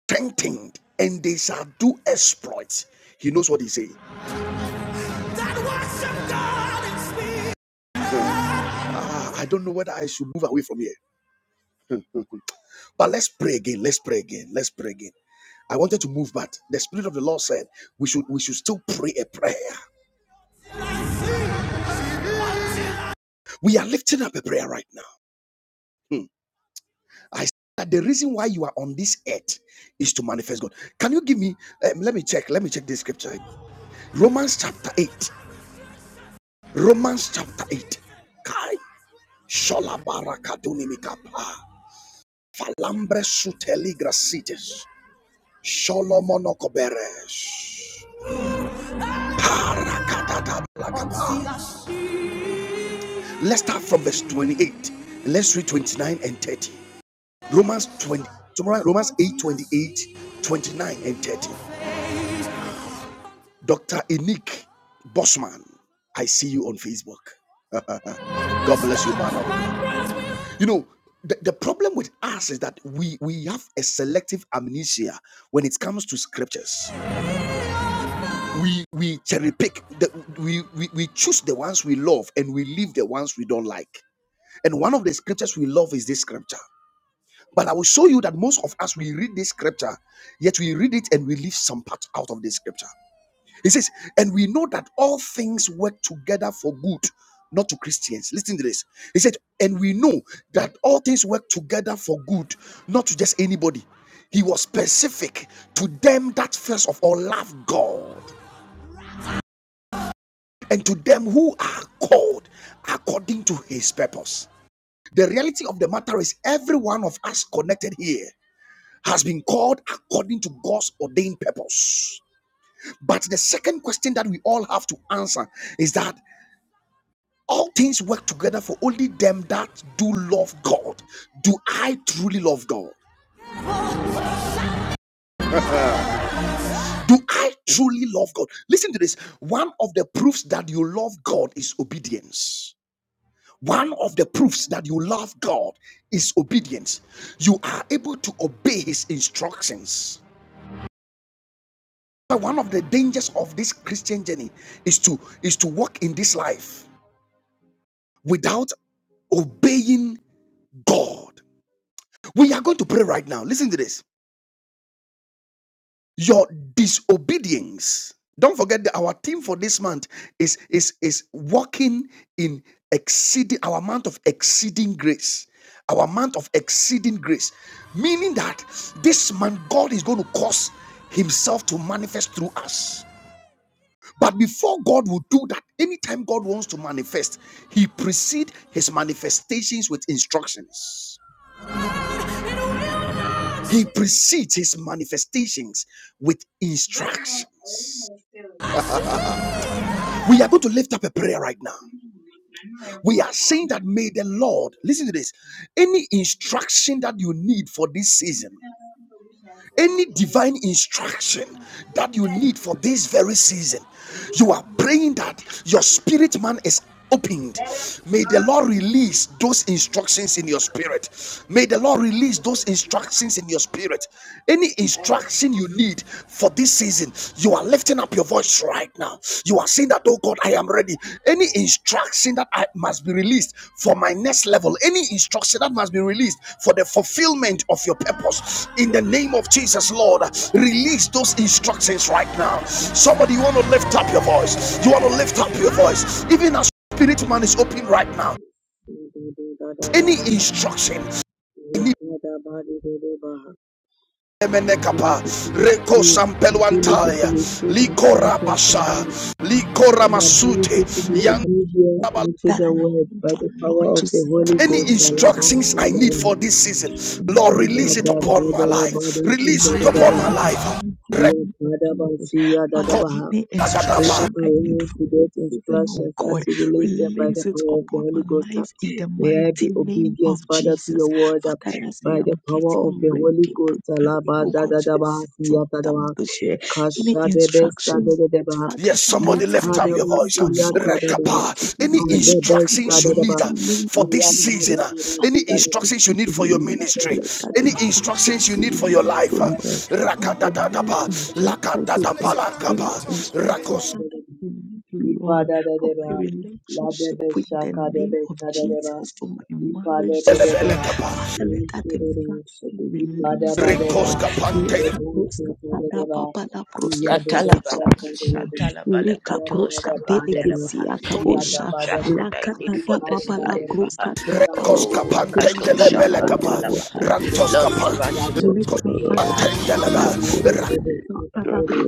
strengthen and they shall do exploits. He knows what he's saying. That worship God is me. Ah, I don't know whether I should move away from here. But let's pray again. Let's pray again. Let's pray again. I wanted to move, but the Spirit of the Lord said we should we should still pray a prayer. We are lifting up a prayer right now. Hmm. I said that the reason why you are on this earth is to manifest God. Can you give me? um, let me check. Let me check this scripture. Romans chapter eight. Romans chapter eight. Kai shola mikapa falambre suteli grasites sholomonokobere. Parakatata blakata. Let's start from verse 28. Let's read 29 and 30. Romans 20, tomorrow, Romans 8, 28, 29 and 30. Dr. Enik Bosman, I see you on Facebook. God bless you, man. You know, the, the problem with us is that we we have a selective amnesia when it comes to scriptures. We we cherry pick the, we, we we choose the ones we love and we leave the ones we don't like. And one of the scriptures we love is this scripture. But I will show you that most of us, we read this scripture, yet we read it and we leave some part out of this scripture. He says, and we know that all things work together for good, not to Christians. Listen to this. He said, and we know that all things work together for good, not to just anybody. He was specific to them that first of all love God and to them who are called according to his purpose. The reality of the matter is, every one of us connected here has been called according to God's ordained purpose. But the second question that we all have to answer is that all things work together for only them that do love God. Do I truly love God? Do I truly love God? Listen to this. One of the proofs that you love God is obedience. One of the proofs that you love God is obedience. You are able to obey His instructions. But one of the dangers of this Christian journey is to is to walk in this life without obeying God. We are going to pray right now. Listen to this. Your disobedience. Don't forget that our theme for this month is is is walking in exceeding our month of exceeding grace. Our month of exceeding grace, meaning that this month God is going to cause Himself to manifest through us But before God will do that, anytime God wants to manifest, He precedes His manifestations with instructions. He precedes His manifestations with
Right now, I don't
instructions.
have a feeling.
We are going to lift up a prayer right now.
I know I have
We are
for
saying
me.
that may the
This
Lord,
is a
listen
good
to this,
thing.
any
You
instruction that you need for this
know, if
season.
I'm going to have for me.
any divine
You
instruction
know, the
that you
time
need
is
for
a
this
little-
very season
we are
you are
to do
praying
it.
that your spirit man is opened may the
um,
lord release those instructions in your spirit may the lord release those instructions in your spirit any instruction you need
um,
for this season you are lifting up your voice right now. You are saying that, oh God, I am ready. Any instruction that I must be released for my next level, any instruction that must be released for the fulfillment of your purpose, in the name of Jesus, Lord, release those instructions right now. Somebody, you want to lift up your voice. You want to lift up your voice, even as spirit man is open right now. Any instruction. I
Ability to
Reko
receive, ability to
Sampeluantaria,
receive
Likora
instructions
Basha,
from you,
Likora
and ability to
Masute,
be
Yang.
obedient unto
that
the
I am,
word by the
Lord,
power of
to
the
see your
Holy
Any
Ghost.
instructions I need
Alabasadabaha,
for this season,
in
Lord,
the
release it
name of
upon my
Jesus,
life.
Father,
Release it
release it
upon my
sadakadalabadasidadadabaha,
in the
life.
mighty name of Jesus. Father,
yekadabasiyadadabaha.
any
We are
instruction I need
aware
for
to
this
get
season, oh
instructions
God,
as you release them by the
release it
power of the
upon my
Holy Ghost.
life in the
May I
mighty
be
name
obedient,
of
Father, to
Jesus.
your word uh,
Father, as I
by
am
the power of
getting
the Holy
ready,
Ghost.
preparing,
Alaba
oh
da
God,
da
to
da
be
ba si
settled
ya
down this year, any instructions. Father,
Yes,
that, that,
somebody
that
lift
I
up your
need,
voice.
si
oh
uh,
Lord, let it
Rekapa.
be
Any
released in the
instructions you need
mighty
uh,
name
for
of
this
Jesus.
season, uh,
Father,
any
si
let it
instructions you
be
need for your
released.
ministry,
Let that
any
instruction
instructions you
be
need for your
released,
life.
oh
uh,
Lord. In the name of
Rakadadadaba,
Jesus, we continue
Lakadadabalakaba,
instructions
Rakos.
that we need, Lord, for
Ipadadadeba,
my relationship
ladebe
with the name
shakadebe
of
sadadeba,
Jesus, for my marriage this year.
ipadebedebea,
Father, let that
insidebe,
instruction be released, oh
ipadabadeba,
Rekos
Lord.
kapante.
Lika proska tada
lebunsidebedeba,
papa la proska
iyadebe
tada
Yatalabalaka
papa.
shakadebe,
Lika
shatalabalakato
proska
yasadabadeba,
shapandelebaha. Any
delegacy
iyadabadeba,
instruction I need
Lakatata
for this
in the
papala
life.
mighty
ikadabadeba,
ah.
name of
kruskatata
Oh,
shakadebe,
Jesus.
papala
Akato
kuskata
Koskapantendelebele kapa.
insidebe,
Likorobo
palabra.
Shaprantalabaha.
insidebe,
Rantos
Sondore
Lord,
kapa.
Bede
grant it
ladebe,
unto me.
Kabarada
ah.
Lekatata
yasadebe.
In
Koskapantendelebe.
the
papala
name of
Rekodede
Yabakadeba,
Jesus.
kuskata
Dali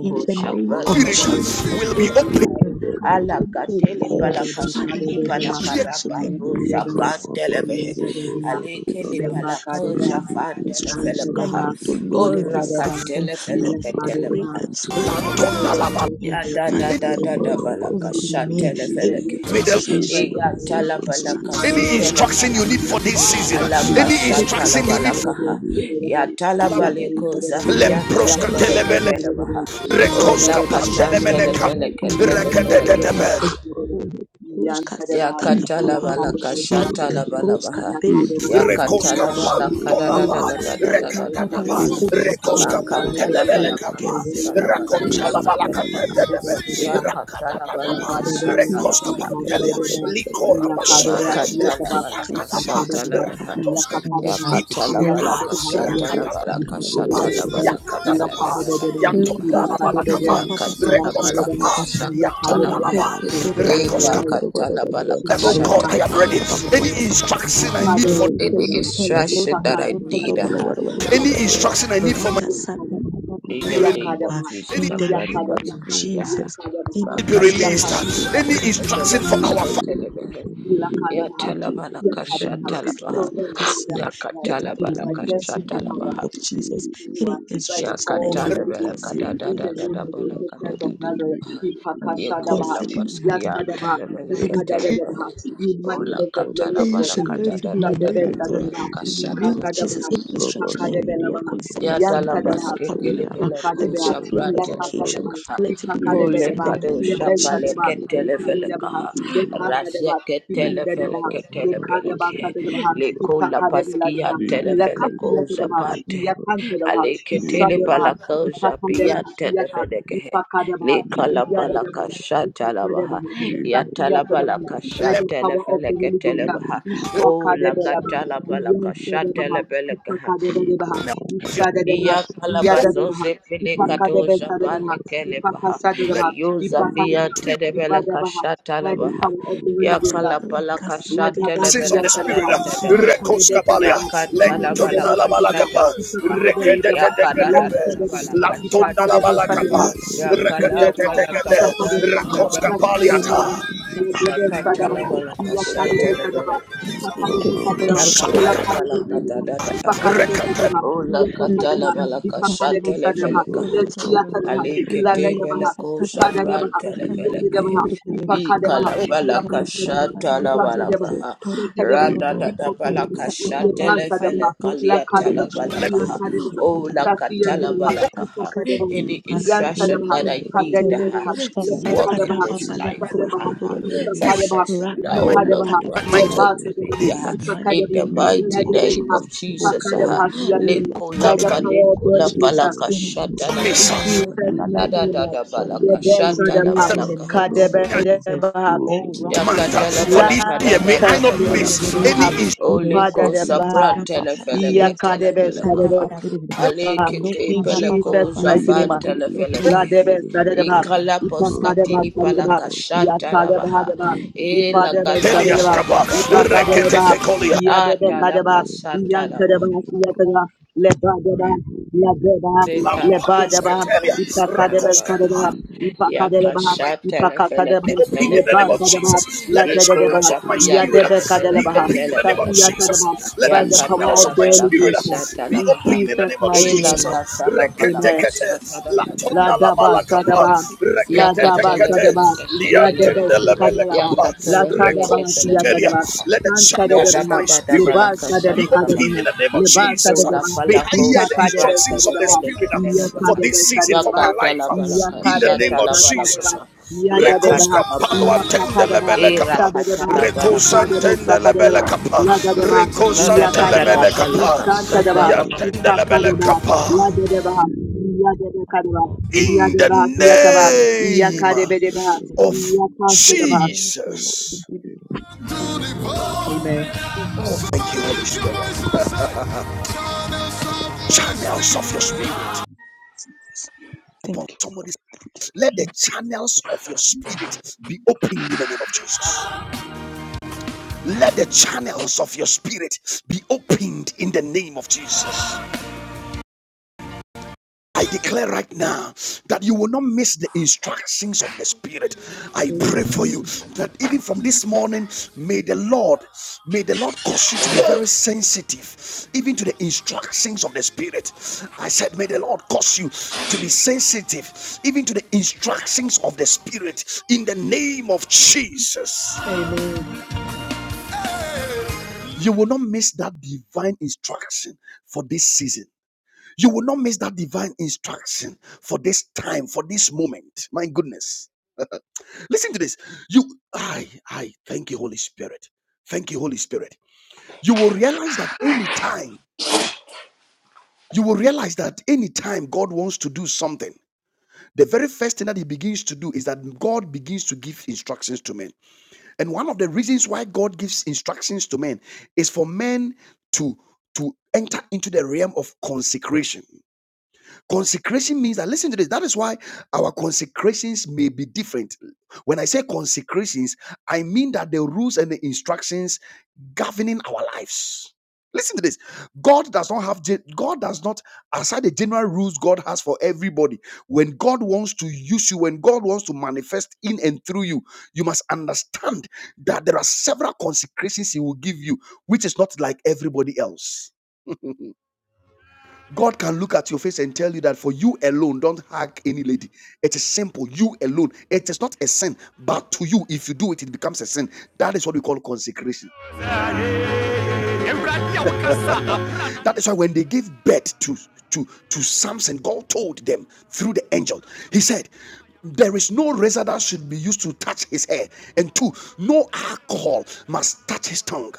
In the name
Kaba
shakran
of
tele
Rapirita
Jesus,
Sandebo
will be
every
open
telebaha.
instruction
Kaborebo
Alaka
to
tele
God.
Sondore
palaka
Bede
Father,
studi
every
palaka
Dali
here.
instruction
raba
I
ro
need in
shakran
this
Rekaba Bana
telebehe.
Baba Baba
Aleke le
Dali
season.
palaka o
Father,
Rede
shafan
Bede
telefele
instruction I
kaha.
Isantadeba,
need,
Dali
oh
O
Lord, in
Baba
this
raka
Yadadeba,
season.
telefele
Lord,
ke
I
Likaba
pray
telebaha.
Yakadeba,
that you
be
Sandebo
release
fulfilled
it
Baba
that is
unto me.
in
Ya
them
da
Father,
da
Any
by
da
the
da
Likaba
da
power
release it
of
Baba
the
balaka
Holy
unto
sha
Ghost.
me.
In
Sandebo
the
telefeleke
Every
name
he.
of Jesus
Thank
E
Christ
instruction,
of
ya
divine
Nazareth,
tala
in
balaka
Father
instruction,
su
Lord,
Reba,
instruction you
I
telefelaka
we
need
need
for
ha.
are
this
in
created
this
season,
as the
season
Alaka
Reba,
any
sha
we
tala
instruction
are
you need
balaka
created as
ha.
the Reba,
Ya tala
for
we
feel
are
that in
baleko
created as the
the
Reba,
zafi
system
ya
we are
Lembroska
move
created
telebedeke
as
telebele.
the
smoothly.
Reba,
telebaha.
We
we are
O
speak
the
Rekoska
laka
Reba,
ta
we are
destruction
pandelemene
the
right
Reba,
kapa.
now
telefeleke
in the
we are
name of
telefeleke
created
he.
as
Jesus.
Rekedetebe.
the
Oh,
Reba,
look,
we are
Roshka
the Reba,
Satata
we
Yakatala
Papa,
are created as the Reba, we are
balaka
created as the
Lika
shatala
Roshka
balabaha.
Reba,
Delicacia
you
Rekoska
Yakatala
are the
Tabusha,
only
balaka da da
pantolaba,
da
generation,
da
Lika
da
the
Tata
da da
chosen
Papa
rekakataba,
da
Lako
nation,
Papa,
rekoska
Ilaka de Baha,
Lika
pantelebelekaba,
Ilaka
Sebi Roshka Satata Papa.
rakontalabalakatetebe, rakatadadaba,
Lika
rekoska pantelia, likorabasha,
Yakatalabala kashatalabala baha. Yakatalabala kadadadadadadadadada baha. Bakatalabala kashatalabala
lakatadadaba,
Tata
kashatalabaha.
Papa
rakatoska,
Yakatalabala kashatalabaha. Makatalabala kashatalabaha.
iparada,
Yakatalabala
Lika Tele Roshka
rakatadaba,
kashatalabala
Tata
kashatalabala
yakatadaba,
in
kadadadadadadada
the
baha.
de
yantondalabalakaba,
Baha,
you.
Yakatalabala
rekoskapa,
Ilaka de
kashakatalabaha.
yantondalaba,
Thank
rakoska.
you.
Eyakatalabala
That, oh God,
Shahadaba,
I am
kashatalabaha.
ready. Any
Ifadadaba,
instruction I need
Ifadaba,
for
Any instruction that I
Ifadadaba, Ifakadaba,
need, uh,
Ifadadaba,
from
Any instruction I need for my
God.
Iyakadaba,
in
be
the
re-
name of
Iyakadaba,
any
Iyakadaba,
Jesus, I grant it
name
Iyakadaba,
of
unto me. uh,
Jesus,
Iyakadaba,
any
be
Iyakadaba,
Makatosh,
released.
instruction, oh
Any
God, I
Rapalapala,
instruction
need
for our family,
to
Kasatelebe,
go
Iyakadaba, Iyakadaba,
Yatalabala,
to the next
Kashatalabaha,
level
Sovereign
this
God, I
year.
have
Let it be
majesty
Yakatalabala,
by
released in the name
Kashatalabaha,
of
God,
Jesus.
you
Any
are by the
instruction I
power of the
need
Holy
Yakatalabala,
Ghost.
concerning
In the name of
Kadadadadabala,
Jesus Christ of Nazareth,
Kadadadadabaha,
Ipakashadabaha,
Yakula
concerning her
Paskian,
Yatadabaha,
Telebele,
education.
Ipadadadabaha.
Ketelebehe,
you
Jesus,
Ola
manifest the glory of God.
Katalabala,
Let it be related
Leave
to her.
Kadadadadabala,
Isadebezadabaha,
In the name of
Kashatalabaha.
Jesus,
Ikasadabaha,
any instruction I need here
Ipakadebelabaha,
concerning
Ya
my finances, my
Iyantadabaha,
dalabaske
career, my
telefele ko
breakthrough,
Isukadebeha,
shapra
my
telefele
vocation,
Lekatadeba,
kaha.
let it be released
Hole
in
Ipakadebedeba,
the
pado
name of
shapale
Jesus.
Lebesadeba,
ke
oh God.
telefele
Ipodeba,
kaha. Rasya
Lekatadeba,
ke
Ipodeba,
telefele ke telefele
Lekadeba
kehe.
Sadeba,
Le ko la
Ipakadebeleba,
paskia telefele ko
Ilakafiyatadeba,
japate.
Iyakantadeba,
Ale ke
Isadeba,
telepala ko japia
Ipakadeba, Iyaka,
telefele kehe.
Ipakadeba,
Le kala pala
Iyadeba,
kasha talabaha. Ya talabala
By
kasha
let
the power of
telefele
the
ke
Holy Ghost,
telebaha. O la
Isakadebeleba,
gatalabala kasha
Iyantadeba,
telefele kaha.
Ipakadebeleba,
Liba Baba
Isadeba,
Iya
Basa
Iyakalabazo
Yadadeba,
zepele
Ipaka de
kato
Ipakadebesarema,
japale
Liditiranta
kele
Liba
paha.
Ipakasadema,
the
Liba
Yuzafia
Ipakadema,
spirit
Baba
tedebele
Ipadabah,
kashata
by the
labaha.
Liba
power of the Holy Ghost.
Basa
Amen.
Yakalapala
Kasanta
kashata
sense of
Ladabasia
lebele
the
kababala.
spirit.
Sadama,
kadada
Liba
dadabaha.
Ipaka de
Rekoskapalia.
Besadama,
Let
Yakata
Thank
Ipaka de
labala
Liba
Tondala
Besadama,
kashata
Balakapa.
labaha.
Ipaka de Ladabasiyasadema, Ipakadebesadema,
Yakada
Rekedetetetepe.
Ipakadebesadema,
dadabala kashata
Lantondala
labaha.
Ipakadebesadema,
Balakapa.
Liba
Lamsadema,
Baba
Ipakadebesadema,
Yakalapala
de
Reketetetetete.
kashata
Ipakadema,
lebele
Liba
Thank
Rekoskapaliata.
Basa
kata labala kashata lebele.
you,
Kaba Bala
Jesus.
Rakatala
Shalakata.
balaka da
Liba
da da da
Baba
baha.
Rekete.
Basa
O
Lika
lakatala
sata
balaka
da orana
shatele
Liba
posko
veleka.
Baba
soto da
Bala
orana.
Ali
Baba
kete
Lika
Bala
veleko
sata da orana
shabral tele
posko
Liba
sita
veleka.
da
Baba
orana.
Basa
Lika sata da orana posko
Ikalabalakashatalabalaga.
soto da
Libo
orana.
Libo
Sata da orana posko soto
Libo Libo,
Radadadabalakashatelefelekaliyatalabalaka.
da orana.
you.
Oh,
Sasiyata de Bahab,
Lika
lakatalabalaka.
sata
Isaka
da
de
orana.
Bahab,
any
Iyansa de
instruction
Bahab,
that
Lika
I
sata
need
Kadari
le
uh,
posko
to
sata
walk in
da
Sasiyatabaha,
this
orana
life, uh,
posko
Ipakadabaha,
da
uh,
Yantadabaha,
orana.
Kadadabaha, Lepakadabaha, Ispadabaha,
successfully,
Isapadabaha,
Raka
oh Lord,
sata
Ipakadabaha,
da
my
grant
my
it unto
Lepakadabaha,
orana.
me
body.
In the
uh, in
Ipakadabaha,
mighty
the
name
mighty
of
name
Ladadabaha,
Jesus,
of
oh
Jesus.
God.
uh,
Ipakadabaha,
Oh
Siyatabaha.
Lord, in
By
the
the
Koska-
power
name
of the
of
Holy Ghost, uh,
Jesus, any
in
Mesa.
Lekolapalekolapalakashatalabaha.
instruction, Lord, that
Jesus'
I
mighty
need,
name, uh,
oh, let it be
As
Debesadabaha,
the
released in the name of
Radadadadabalakashatalabalaka.
Jesus.
Kadabadabaha,
Oh, Rata
month
Sata
for
Yakatalabala
this year
Tapala
may
kadada
i not
dada
Prosta
miss
balakaha.
any
Lantadabaha,
Celebrity. Rata
Oliko
Libo,
Sata
Ipadadabaha,
sabra
Libo,
Tapala
Leave
telefeleke
Prosta Sata
telefelekaha.
Iyakadebesadabaha.
Tapala Ribri. Lord,
Alekete
In
Papa
Jesus'
peleko
Papa
mighty
zafa
name. I
Prosta Soto. Oh,
La
telefelekehe.
debe sadeba,
Ikala
ipa kadeba
poskatili
sadeba,
palakasha
ya sadeba
talabaha.
deba,
E
ipa
la
debe
gata
Telia
da
sadeba,
da da
skapa,
da da
ipa
rekete
kadeleba,
balakaha.
tekolia,
ya debe
Adala
kadeba,
kasha
yan
talabaha.
tadeba, ya tadeba, leba deba, deba, leba
Yakatala
lampalus
deba, ipa kadebe
rekoskapa.
sadeba, ipa kadeleba,
My
ipa kasadeba,
be open in the name
leba
of
sadeba,
Jesus. Let
la
the channels
dedeba,
of my
ya
spirit uh,
debe
be
kadeleba,
open in the name of
sasi ya
Jesus.
tadeba,
Let the
by
Lord,
the
channels
power
of
of the
my
Holy
spirit uh,
Ghost,
be
in
open in the
Jesus'
name of
in the
mighty
name
Jesus.
of
name.
Jesus,
Amen.
Reketekete
La
latonda la
daba
balakapa
sadaba, la
oh,
daba
reketekete
sadaba, la deba
liantende
sekadaba,
lebelekapa
la sadaba
rekosutelia.
siyatadaba,
Let the
kan
Ya
channels
da
of
sadaba,
da
my
da da
spirit uh,
leba
balaka
sadaba
be
shata la
kadaba,
open in
baha.
the name of
leba
Jesus.
Ikula
sadaba,
May I
palako
ipa
hear the
kadaba
shaprante
instructions of
de
the
sadaba,
feleke
spirit uh,
iya
for
telebaha.
kadaba
this season for my
sadaba,
Yakata la
life uh,
balaka
in the
Iyakadebe
shata
name of
la balaka.
shakadeba.
Jesus. Rekos
Yakata
Yadadeba.
la
kampalo
balaka.
antende
Iyapakadeba.
lebele
Ira
kapa.
kata
Sadadeba.
la
Rekos
balaka.
in the
Ifadebe
name
antende
of
lebele
Jesus,
shakadeba.
kapa.
in the name of
Ladadeba.
Jesus,
La
in
Rekos
da
the
da
name
da
Iyakadeba.
of
da
antelemene kapa.
balaka shata
Ifantadeba.
la balaka.
yantendele lebele
Ifakadeba.
Jesus,
kapa.
in the name
Ladadeba. Iyadebe
of
kadeba.
Jesus.
In the
Iyadeba
We thank you,
siyataba.
name
Iyakadebe deba.
Lord.
of
Father,
Iyakadeba.
thank you, Lord. We
Jesus.
give you praise. We give you glory. We
Amen.
give you
Oh,
honor.
thank you,
Thank
Holy
you.
Spirit. Channels of your spirit
Thank
upon
you.
somebody. Let the channels of your spirit be opened in the name of Jesus. Let the channels of your spirit be opened in the name of Jesus. I declare right now that you will not miss the instructions of the Spirit. I pray for you
Amen.
that even from this morning, may the Lord, may the Lord cause you to be very sensitive, even to the instructions of the Spirit. I said, may the Lord cause you to be sensitive, even to the instructions of the Spirit. In the name of Jesus,
Amen.
you will not miss that divine instruction for this season. You will not miss that divine instruction for this time, for this moment. My goodness. Listen to this. You, I, I, thank you, Holy Spirit. Thank you, Holy Spirit. You will realize that any time, you will realize that any time God wants to do something, the very first thing that He begins to do is that God begins to give instructions to men. And one of the reasons why God gives instructions to men is for men to to enter into the realm of consecration. Consecration means that, listen to this, that is why our consecrations may be different. When I say consecrations, I mean that the rules and the instructions governing our lives. Listen to this. God does not have, God does not, aside the general rules God has for everybody, when God wants to use you, when God wants to manifest in and through you, you must understand that there are several consecrations He will give you, which is not like everybody else. God can look at your face and tell you that for you alone, don't hug any lady. It is simple. You alone. It is not a sin, but to you, if you do it, it becomes a sin. That is what we call consecration. That is why when they gave birth to to to Samson, God told them through the angel. He said, "There is no razor that should be used to touch his hair, and two, no alcohol must touch his tongue."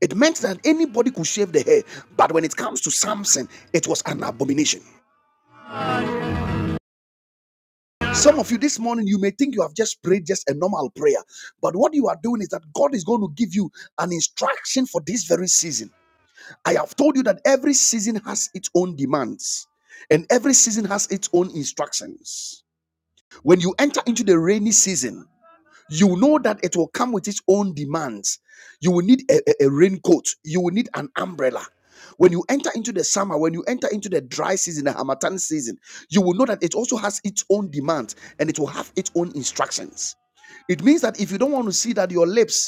It meant that anybody could shave the hair, but when it comes to Samson, it was an abomination. Some of you this morning, you may think you have just prayed just a normal prayer, but what you are doing is that God is going to give you an instruction for this very season. I have told you that every season has its own demands and every season has its own instructions. When you enter into the rainy season, you know that it will come with its own demands. You will need a, a- a raincoat, you will need an umbrella. When you enter into the summer, when you enter into the dry season, the Hamatan season, you will know that it also has its own demands and it will have its own instructions. It means that if you don't want to see that your lips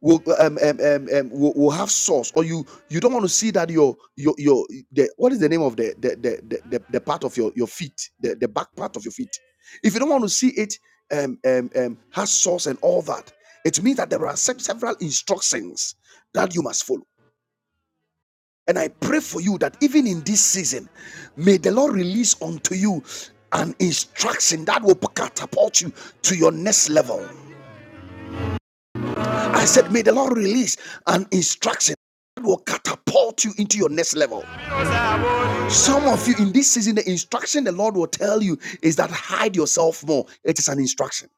will um, um, um, um, will, will have source or you you don't want to see that your your your the, what is the name of the the the, the, the, the part of your your feet the, the back part of your feet if you don't want to see it um, um, um, has source and all that it means that there are se- several instructions that you must follow and i pray for you that even in this season may the lord release unto you an instruction that will catapult you to your next level I said, May the Lord release an instruction that will catapult you into your next level. Some of you in this season, the instruction the Lord will tell you is that hide yourself more. It is an instruction.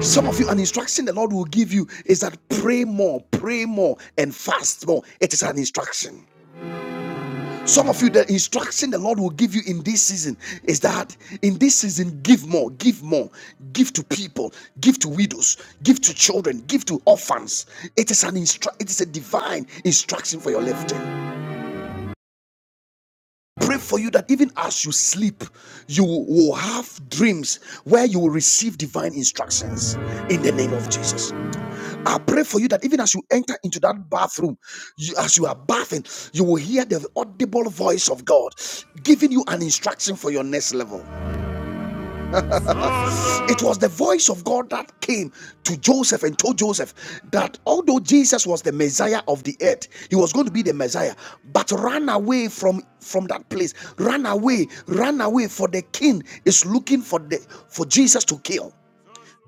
Some of you, an instruction the Lord will give you is that pray more, pray more, and fast more. It is an instruction. Some of you, the instruction the Lord will give you in this season is that in this season, give more, give more, give to people, give to widows, give to children, give to orphans. It is an instru- it is a divine instruction for your lifting. Pray for you that even as you sleep, you will have dreams where you will receive divine instructions in the name of Jesus. I pray for you that even as you enter into that bathroom, you, as you are bathing, you will hear the audible voice of God giving you an instruction for your next level. It was the voice of God that came to Joseph and told Joseph that although Jesus was the Messiah of the earth, he was going to be the Messiah, but run away from from that place. Run away, run away for the king is looking for the for Jesus to kill.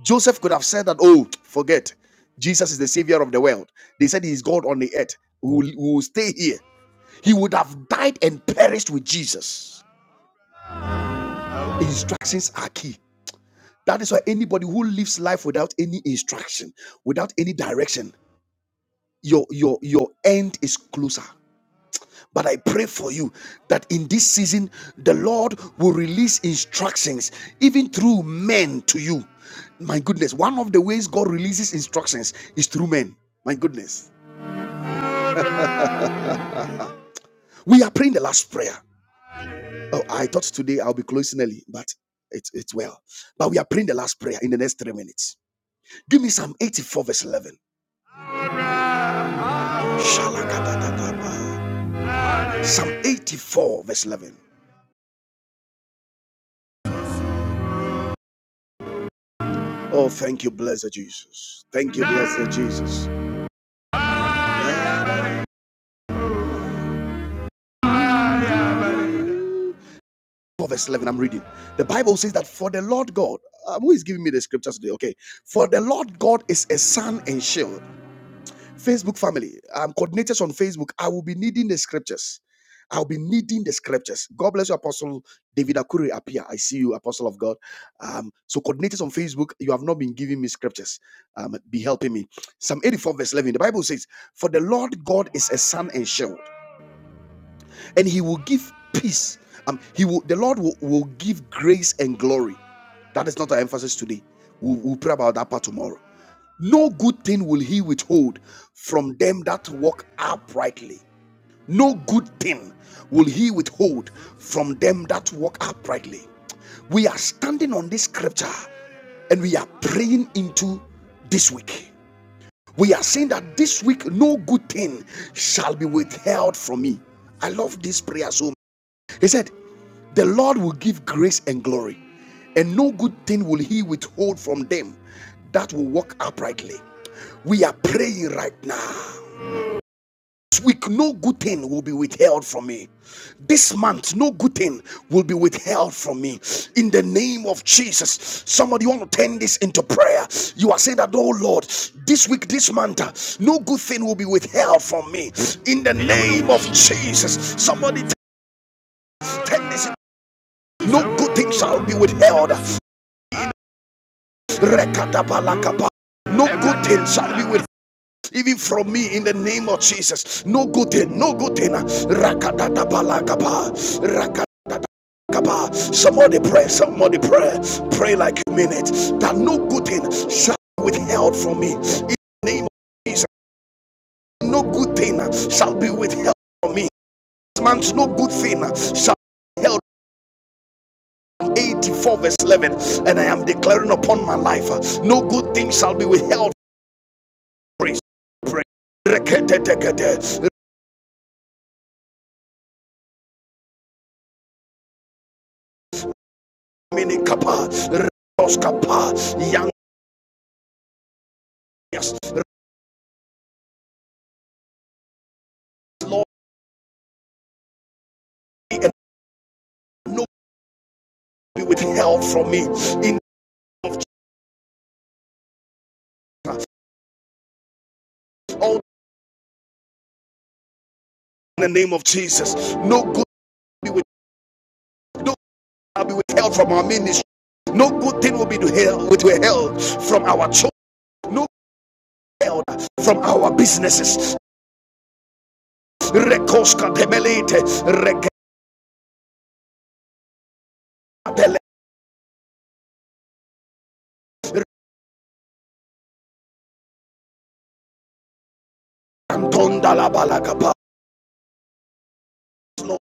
Joseph could have said that, oh, forget, Jesus is the savior of the world. They said he's God on the earth. We will, will stay here. He would have died and perished with Jesus. Instructions are key. That is why anybody who lives life without any instruction, without any direction, your your your end is closer. But I pray for you that in this season, the Lord will release instructions, even through men to you. My goodness, one of the ways God releases instructions is through men. My goodness. We are praying the last prayer. Oh, I thought today I'll be closing early, but it's, it's well. But we are praying the last prayer in the next three minutes. Give me Psalm 84, verse 11. Psalm 84, verse 11. Oh, thank you, blessed Jesus. Thank you, blessed Jesus. 12 verse 11 i'm reading the bible says that for the lord god um, who is giving me the scriptures today okay for the lord god is a sun and shield facebook family um, coordinators on facebook i will be needing the scriptures i'll be needing the scriptures god bless you apostle david Akure. appear i see you apostle of god um, so coordinators on facebook you have not been giving me scriptures um, be helping me psalm 84 verse 11 the bible says for the lord god is a sun and shield and he will give peace um, he will the lord will, will give grace and glory that is not our emphasis today we'll, we'll pray about that part tomorrow no good thing will he withhold from them that walk uprightly no good thing will he withhold from them that walk uprightly we are standing on this scripture and we are praying into this week. We are saying that this week no good thing shall be withheld from me. I love this prayer so he said, The Lord will give grace and glory, and no good thing will He withhold from them that will walk uprightly. We are praying right now. This week, no good thing will be withheld from me. This month, no good thing will be withheld from me. In the name of Jesus, somebody want to turn this into prayer. You are saying that, oh Lord, this week, this month, uh, no good thing will be withheld from me. In the name of Jesus, somebody turn this. into No good thing shall be withheld. Rekatabalakapa. No good thing shall be withheld. Even from me in the name of Jesus. No good thing, no good thing. Rakatatabalakapa. Rakatatabalakapa. Somebody pray, somebody pray. Pray like a minute. That no good thing shall be withheld from me. In the name of Jesus. No good thing shall be withheld from me. This month, no good thing shall be withheld 84 verse 11 and i am declaring upon my life uh, no good thing shall be withheld from praise Lord, and no be withheld from me in the name of Jesus. No good be with, no be withheld from our ministry. No good thing will be withheld from our children. No good from our businesses. Rekoska temelete, No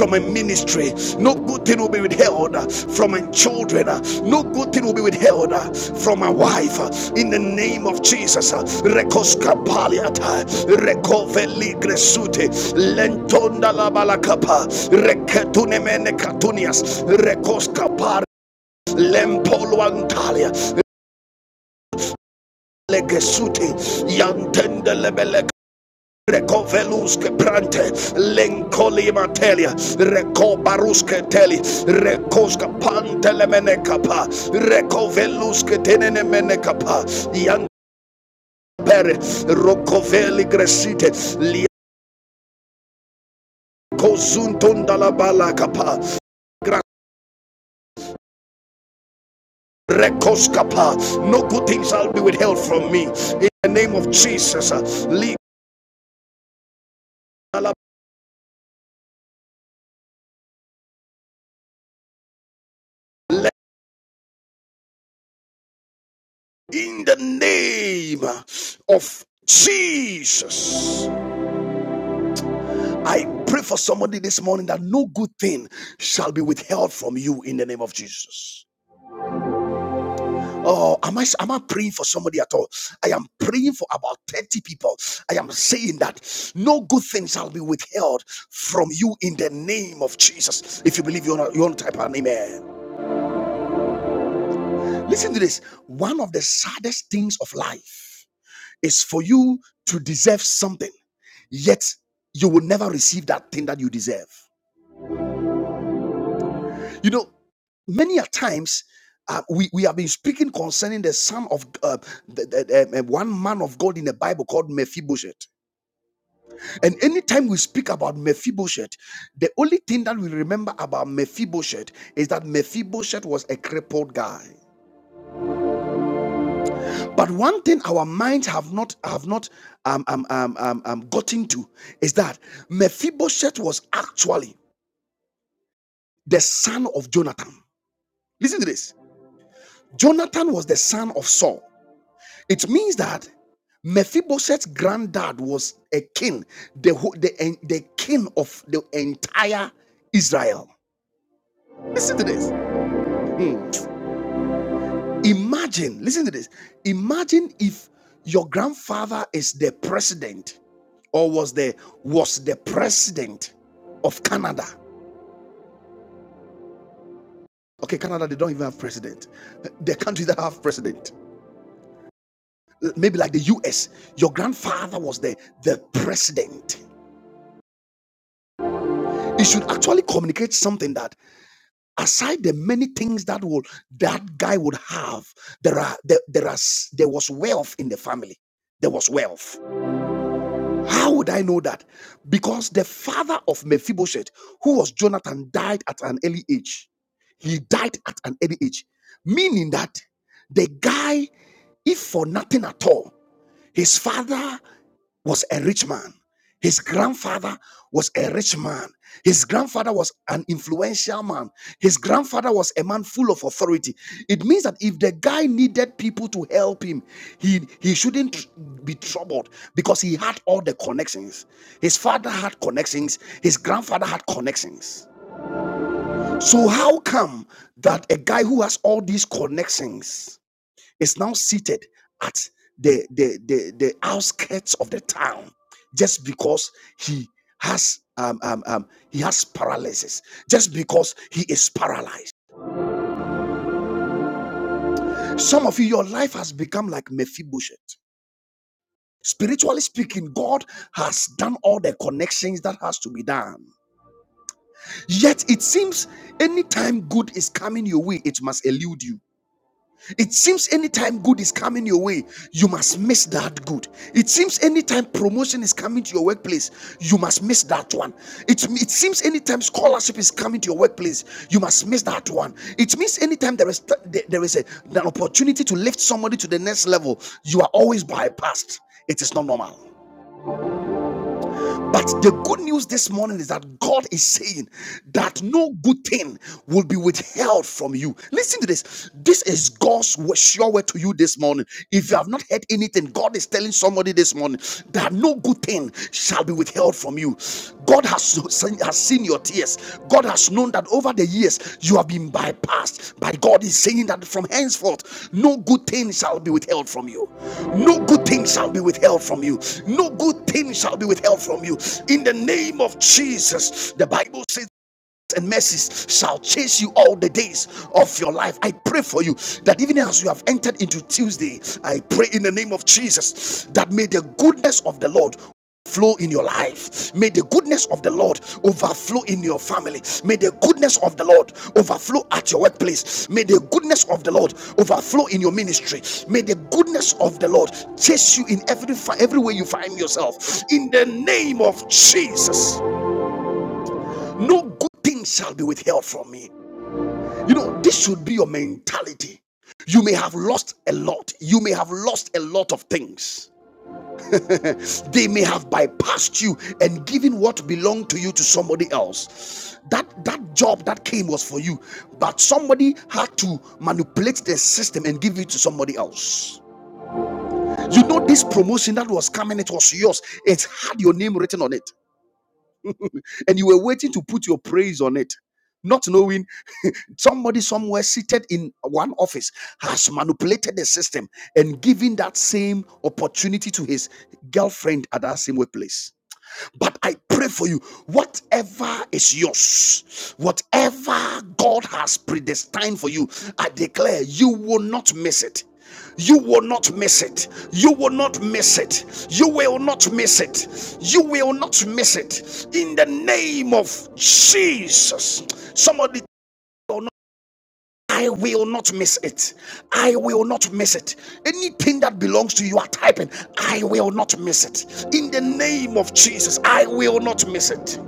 from a ministry. No good thing will be withheld uh, from my children. uh, No good thing will be withheld uh, from my wife. uh, In the name of Jesus. uh, Rekoska paliata. Rekoveli gresute. Lentonda la balakapa. Reketune mene katunias. Rekoska par. Lempolo antalia. Legesute. Yantende lebele Recoveluske prante, lencoli matelia, recobaruske teli, recoska pantele menecapa, recoveluske tenene menecapa, yan pere, rocoveli gresite, liacozunton dalabala capa, recoskapa. No good things shall be withheld from me. In the name of Jesus, uh, in the name of Jesus. I pray for somebody this morning that no good thing shall be withheld from you in the name of Jesus. Oh, am I am I praying for somebody at all? I am praying for about 30 people. I am saying that no good thing shall be withheld from you in the name of Jesus. If you believe you want to, type an amen. Listen to this. One of the saddest things of life is for you to deserve something, yet you will never receive that thing that you deserve. You know, many a times uh, we, we have been speaking concerning the son of uh, the, the- um, uh, one man of God in the Bible called Mephibosheth. And anytime we speak about Mephibosheth, the only thing that we remember about Mephibosheth is that Mephibosheth was a crippled guy. But one thing our minds have not have not um, um, um, um, um, gotten to is that Mephibosheth was actually the son of Jonathan. Listen to this. Jonathan was the son of Saul. It means that Mephibosheth's granddad was a king, the, the, the king of the entire Israel. Listen to this. Hmm. Imagine, listen to this. Imagine if your grandfather is the president or was the was the president of Canada. Okay, Canada, they don't even have president. The countries that have president, maybe like the US, your grandfather was the, the president. It should actually communicate something that aside the many things that will that guy would have there are there, there are there was wealth in the family there was wealth how would i know that because the father of mephibosheth who was jonathan died at an early age he died at an early age meaning that the guy if for nothing at all his father was a rich man. His grandfather was a rich man. His grandfather was an influential man. His grandfather was a man full of authority. It means that if the guy needed people to help him, he, he shouldn't be troubled because he had all the connections. His father had connections, his grandfather had connections. So, how come that a guy who has all these connections is now seated at the, the, the, the outskirts of the town just because he has um, um, um, he has paralysis just because he is paralyzed. Some of you, your life has become like Mephibosheth. Spiritually speaking, God has done all the connections that has to be done. Yet it seems anytime good is coming your way, it must elude you. It seems anytime good is coming your way, you must miss that good. It seems anytime promotion is coming to your workplace, you must miss that one. It, it seems anytime scholarship is coming to your workplace, you must miss that one. It means anytime is there is there is a, an opportunity to lift somebody to the next level, you are always bypassed. It is not normal. But the good news this morning is that God is saying that no good thing will be withheld from you. Listen to this. This is God's sure word to you this morning. If you have not heard anything, God is telling somebody this morning that no good thing shall be withheld from you. God has has, seen- has seen your tears. God has known that over the years you have been bypassed. But God is saying that from henceforth, no good thing shall be withheld from you. No good thing shall be withheld from you. No good thing shall be withheld from you. In the name of Jesus, the Bible says and mercies shall chase you all the days of your life. I pray for you that even as you have entered into Tuesday, I pray in the name of Jesus that may the goodness of the Lord flow in your life. May the goodness of the Lord overflow in your family. May the goodness of the Lord overflow at your workplace. May the goodness of the Lord overflow in your ministry. May the goodness of the Lord chase you in every fi- every way you find yourself. In the name of Jesus. No good thing shall be withheld from me. You know, this should be your mentality. You may have lost a lot. You may have lost a lot of things. They may have bypassed you and given what belonged to you to somebody else. That that job that came was for you, but somebody had to manipulate the system and give it to somebody else. You know this promotion that was coming, it was yours. It had your name written on it. and you were waiting to put your praise on it, not knowing somebody somewhere seated in one office has manipulated the system and given that same opportunity to his girlfriend at that same workplace. But I pray for you, whatever is yours, whatever God has predestined for you, I declare you will not miss it. You will not miss it. You will not miss it. You will not miss it. You will not miss it. In the name of Jesus. Somebody tell I will not miss it. I will not miss it. Anything that belongs to you, you are typing. I will not miss it. In the name of Jesus, I will not miss it.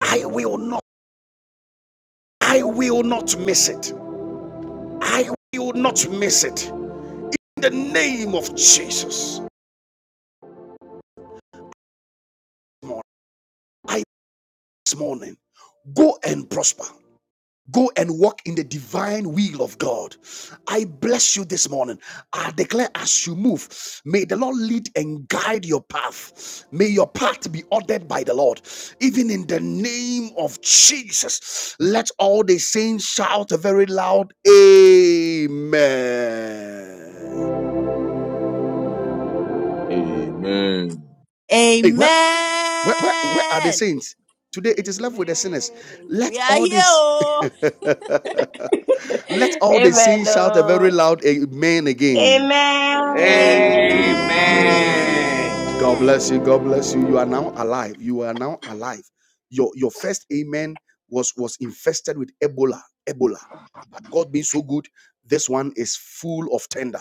I will not. I will not miss it. I will not miss it. In the name of Jesus, I this morning go and prosper. Go and walk in the divine will of God. I bless you this morning. I declare as you move, may the Lord lead and guide your path. May your path be ordered by the Lord. Even in the name of Jesus, let all the saints shout a very loud Amen.
Amen.
Hey, where, Where, where, where are the
Amen.
saints? Today it is left with the sinners.
Amen.
We
Let
are
all
here.
this,
Oh.
let all the
Amen.
saints shout a very
oh.
loud amen again.
Amen.
Amen.
Amen.
Amen.
Amen.
God
Amen.
bless you. God bless you. You are now alive. You are now alive. Your your first amen was was infested with Ebola. Ebola. But God being so good, this one is full of tender.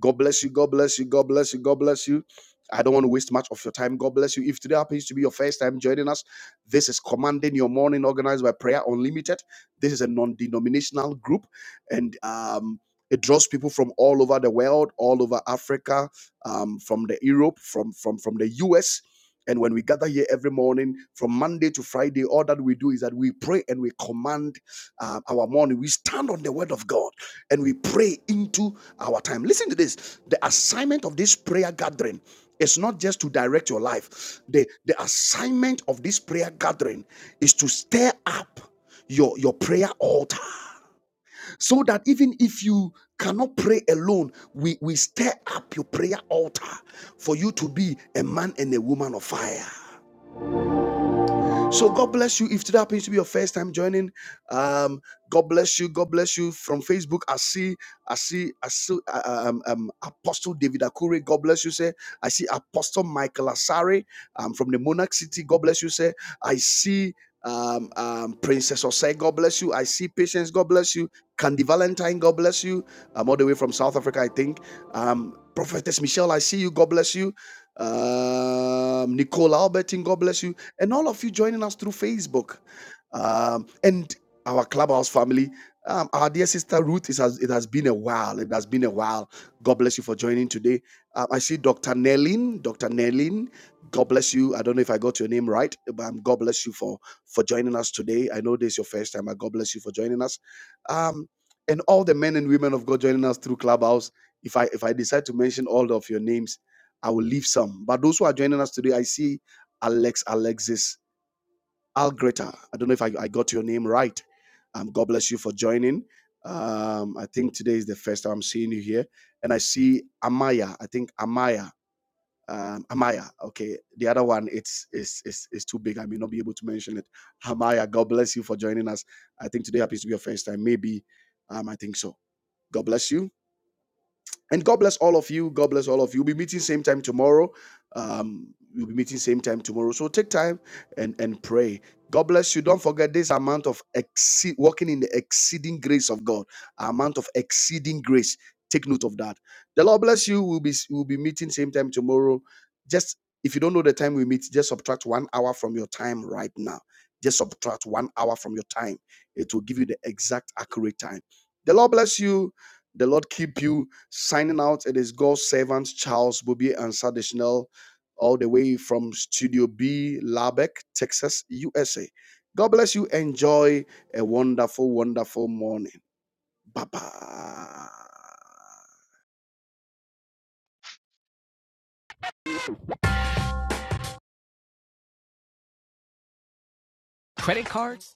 God bless you. God bless you. God bless you. God bless you. I don't want to waste much of your time. God bless you. If today happens to be your first time joining us, this is Commanding Your Morning, organized by Prayer Unlimited. This is a non-denominational group, and um, it draws people from all over the world, all over Africa, um, from the Europe, from from from the US. And when we gather here every morning, from Monday to Friday, all that we do is that we pray and we command uh, our morning. We stand on the word of God and we pray into our time. Listen to this: the assignment of this prayer gathering is not just to direct your life. The the assignment of this prayer gathering is to stir up your your prayer altar so that even if you cannot pray alone, we, we stir up your prayer altar for you to be a man and a woman of fire. So God bless you. If today happens to be your first time joining, um, God bless you. God bless you from Facebook. I see, I see, I see uh, uh, um, um, Apostle David Akure. God bless you, sir. I see Apostle Michael Asare um, from the Monarch City. God bless you, sir. I see um, um, Princess Osei. God bless you. I see Patience. God bless you. Candy Valentine. God bless you. I'm all the way from South Africa, I think. Um, Prophetess Michelle, I see you. God bless you um, Nicole Albertin, God bless you, and all of you joining us through Facebook, um, and our clubhouse family. Um, our dear sister Ruth, it has, it has been a while. It has been a while. God bless you for joining today. Um, I see Dr. Nellin. Dr. Nellin, God bless you. I don't know if I got your name right, but um, God bless you for for joining us today. I know this is your first time, but God bless you for joining us. Um, and all the men and women of God joining us through Clubhouse. If I if I decide to mention all of your names, I will leave some. But those who are joining us today, I see Alex Alexis Algreta. I don't know if I, I got your name right. Um, God bless you for joining. Um, I think today is the first time I'm seeing you here. And I see Amaya. I think Amaya. Um, Amaya. Okay. The other one, it's it's it's it's too big. I may not be able to mention it. Amaya, God bless you for joining us. I think today happens to be your first time. Maybe um, I think so. God bless you. And God bless all of you. God bless all of you. We'll be meeting same time tomorrow. Um, we'll be meeting same time tomorrow. So take time and and pray. God bless you. Don't forget this amount of exceed, walking in the exceeding grace of God. Amount of exceeding grace. Take note of that. The Lord bless you. We'll be we'll be meeting same time tomorrow. Just if you don't know the time we meet, just subtract one hour from your time right now. Just subtract one hour from your time. It will give you the exact accurate time. The Lord bless you. The Lord keep you. Signing out, it is God's servant Charles Bobby and Sadishnell, all the way from Studio B, Lubbock, Texas, USA. God bless you. Enjoy a wonderful, wonderful morning. Bye bye. Credit cards.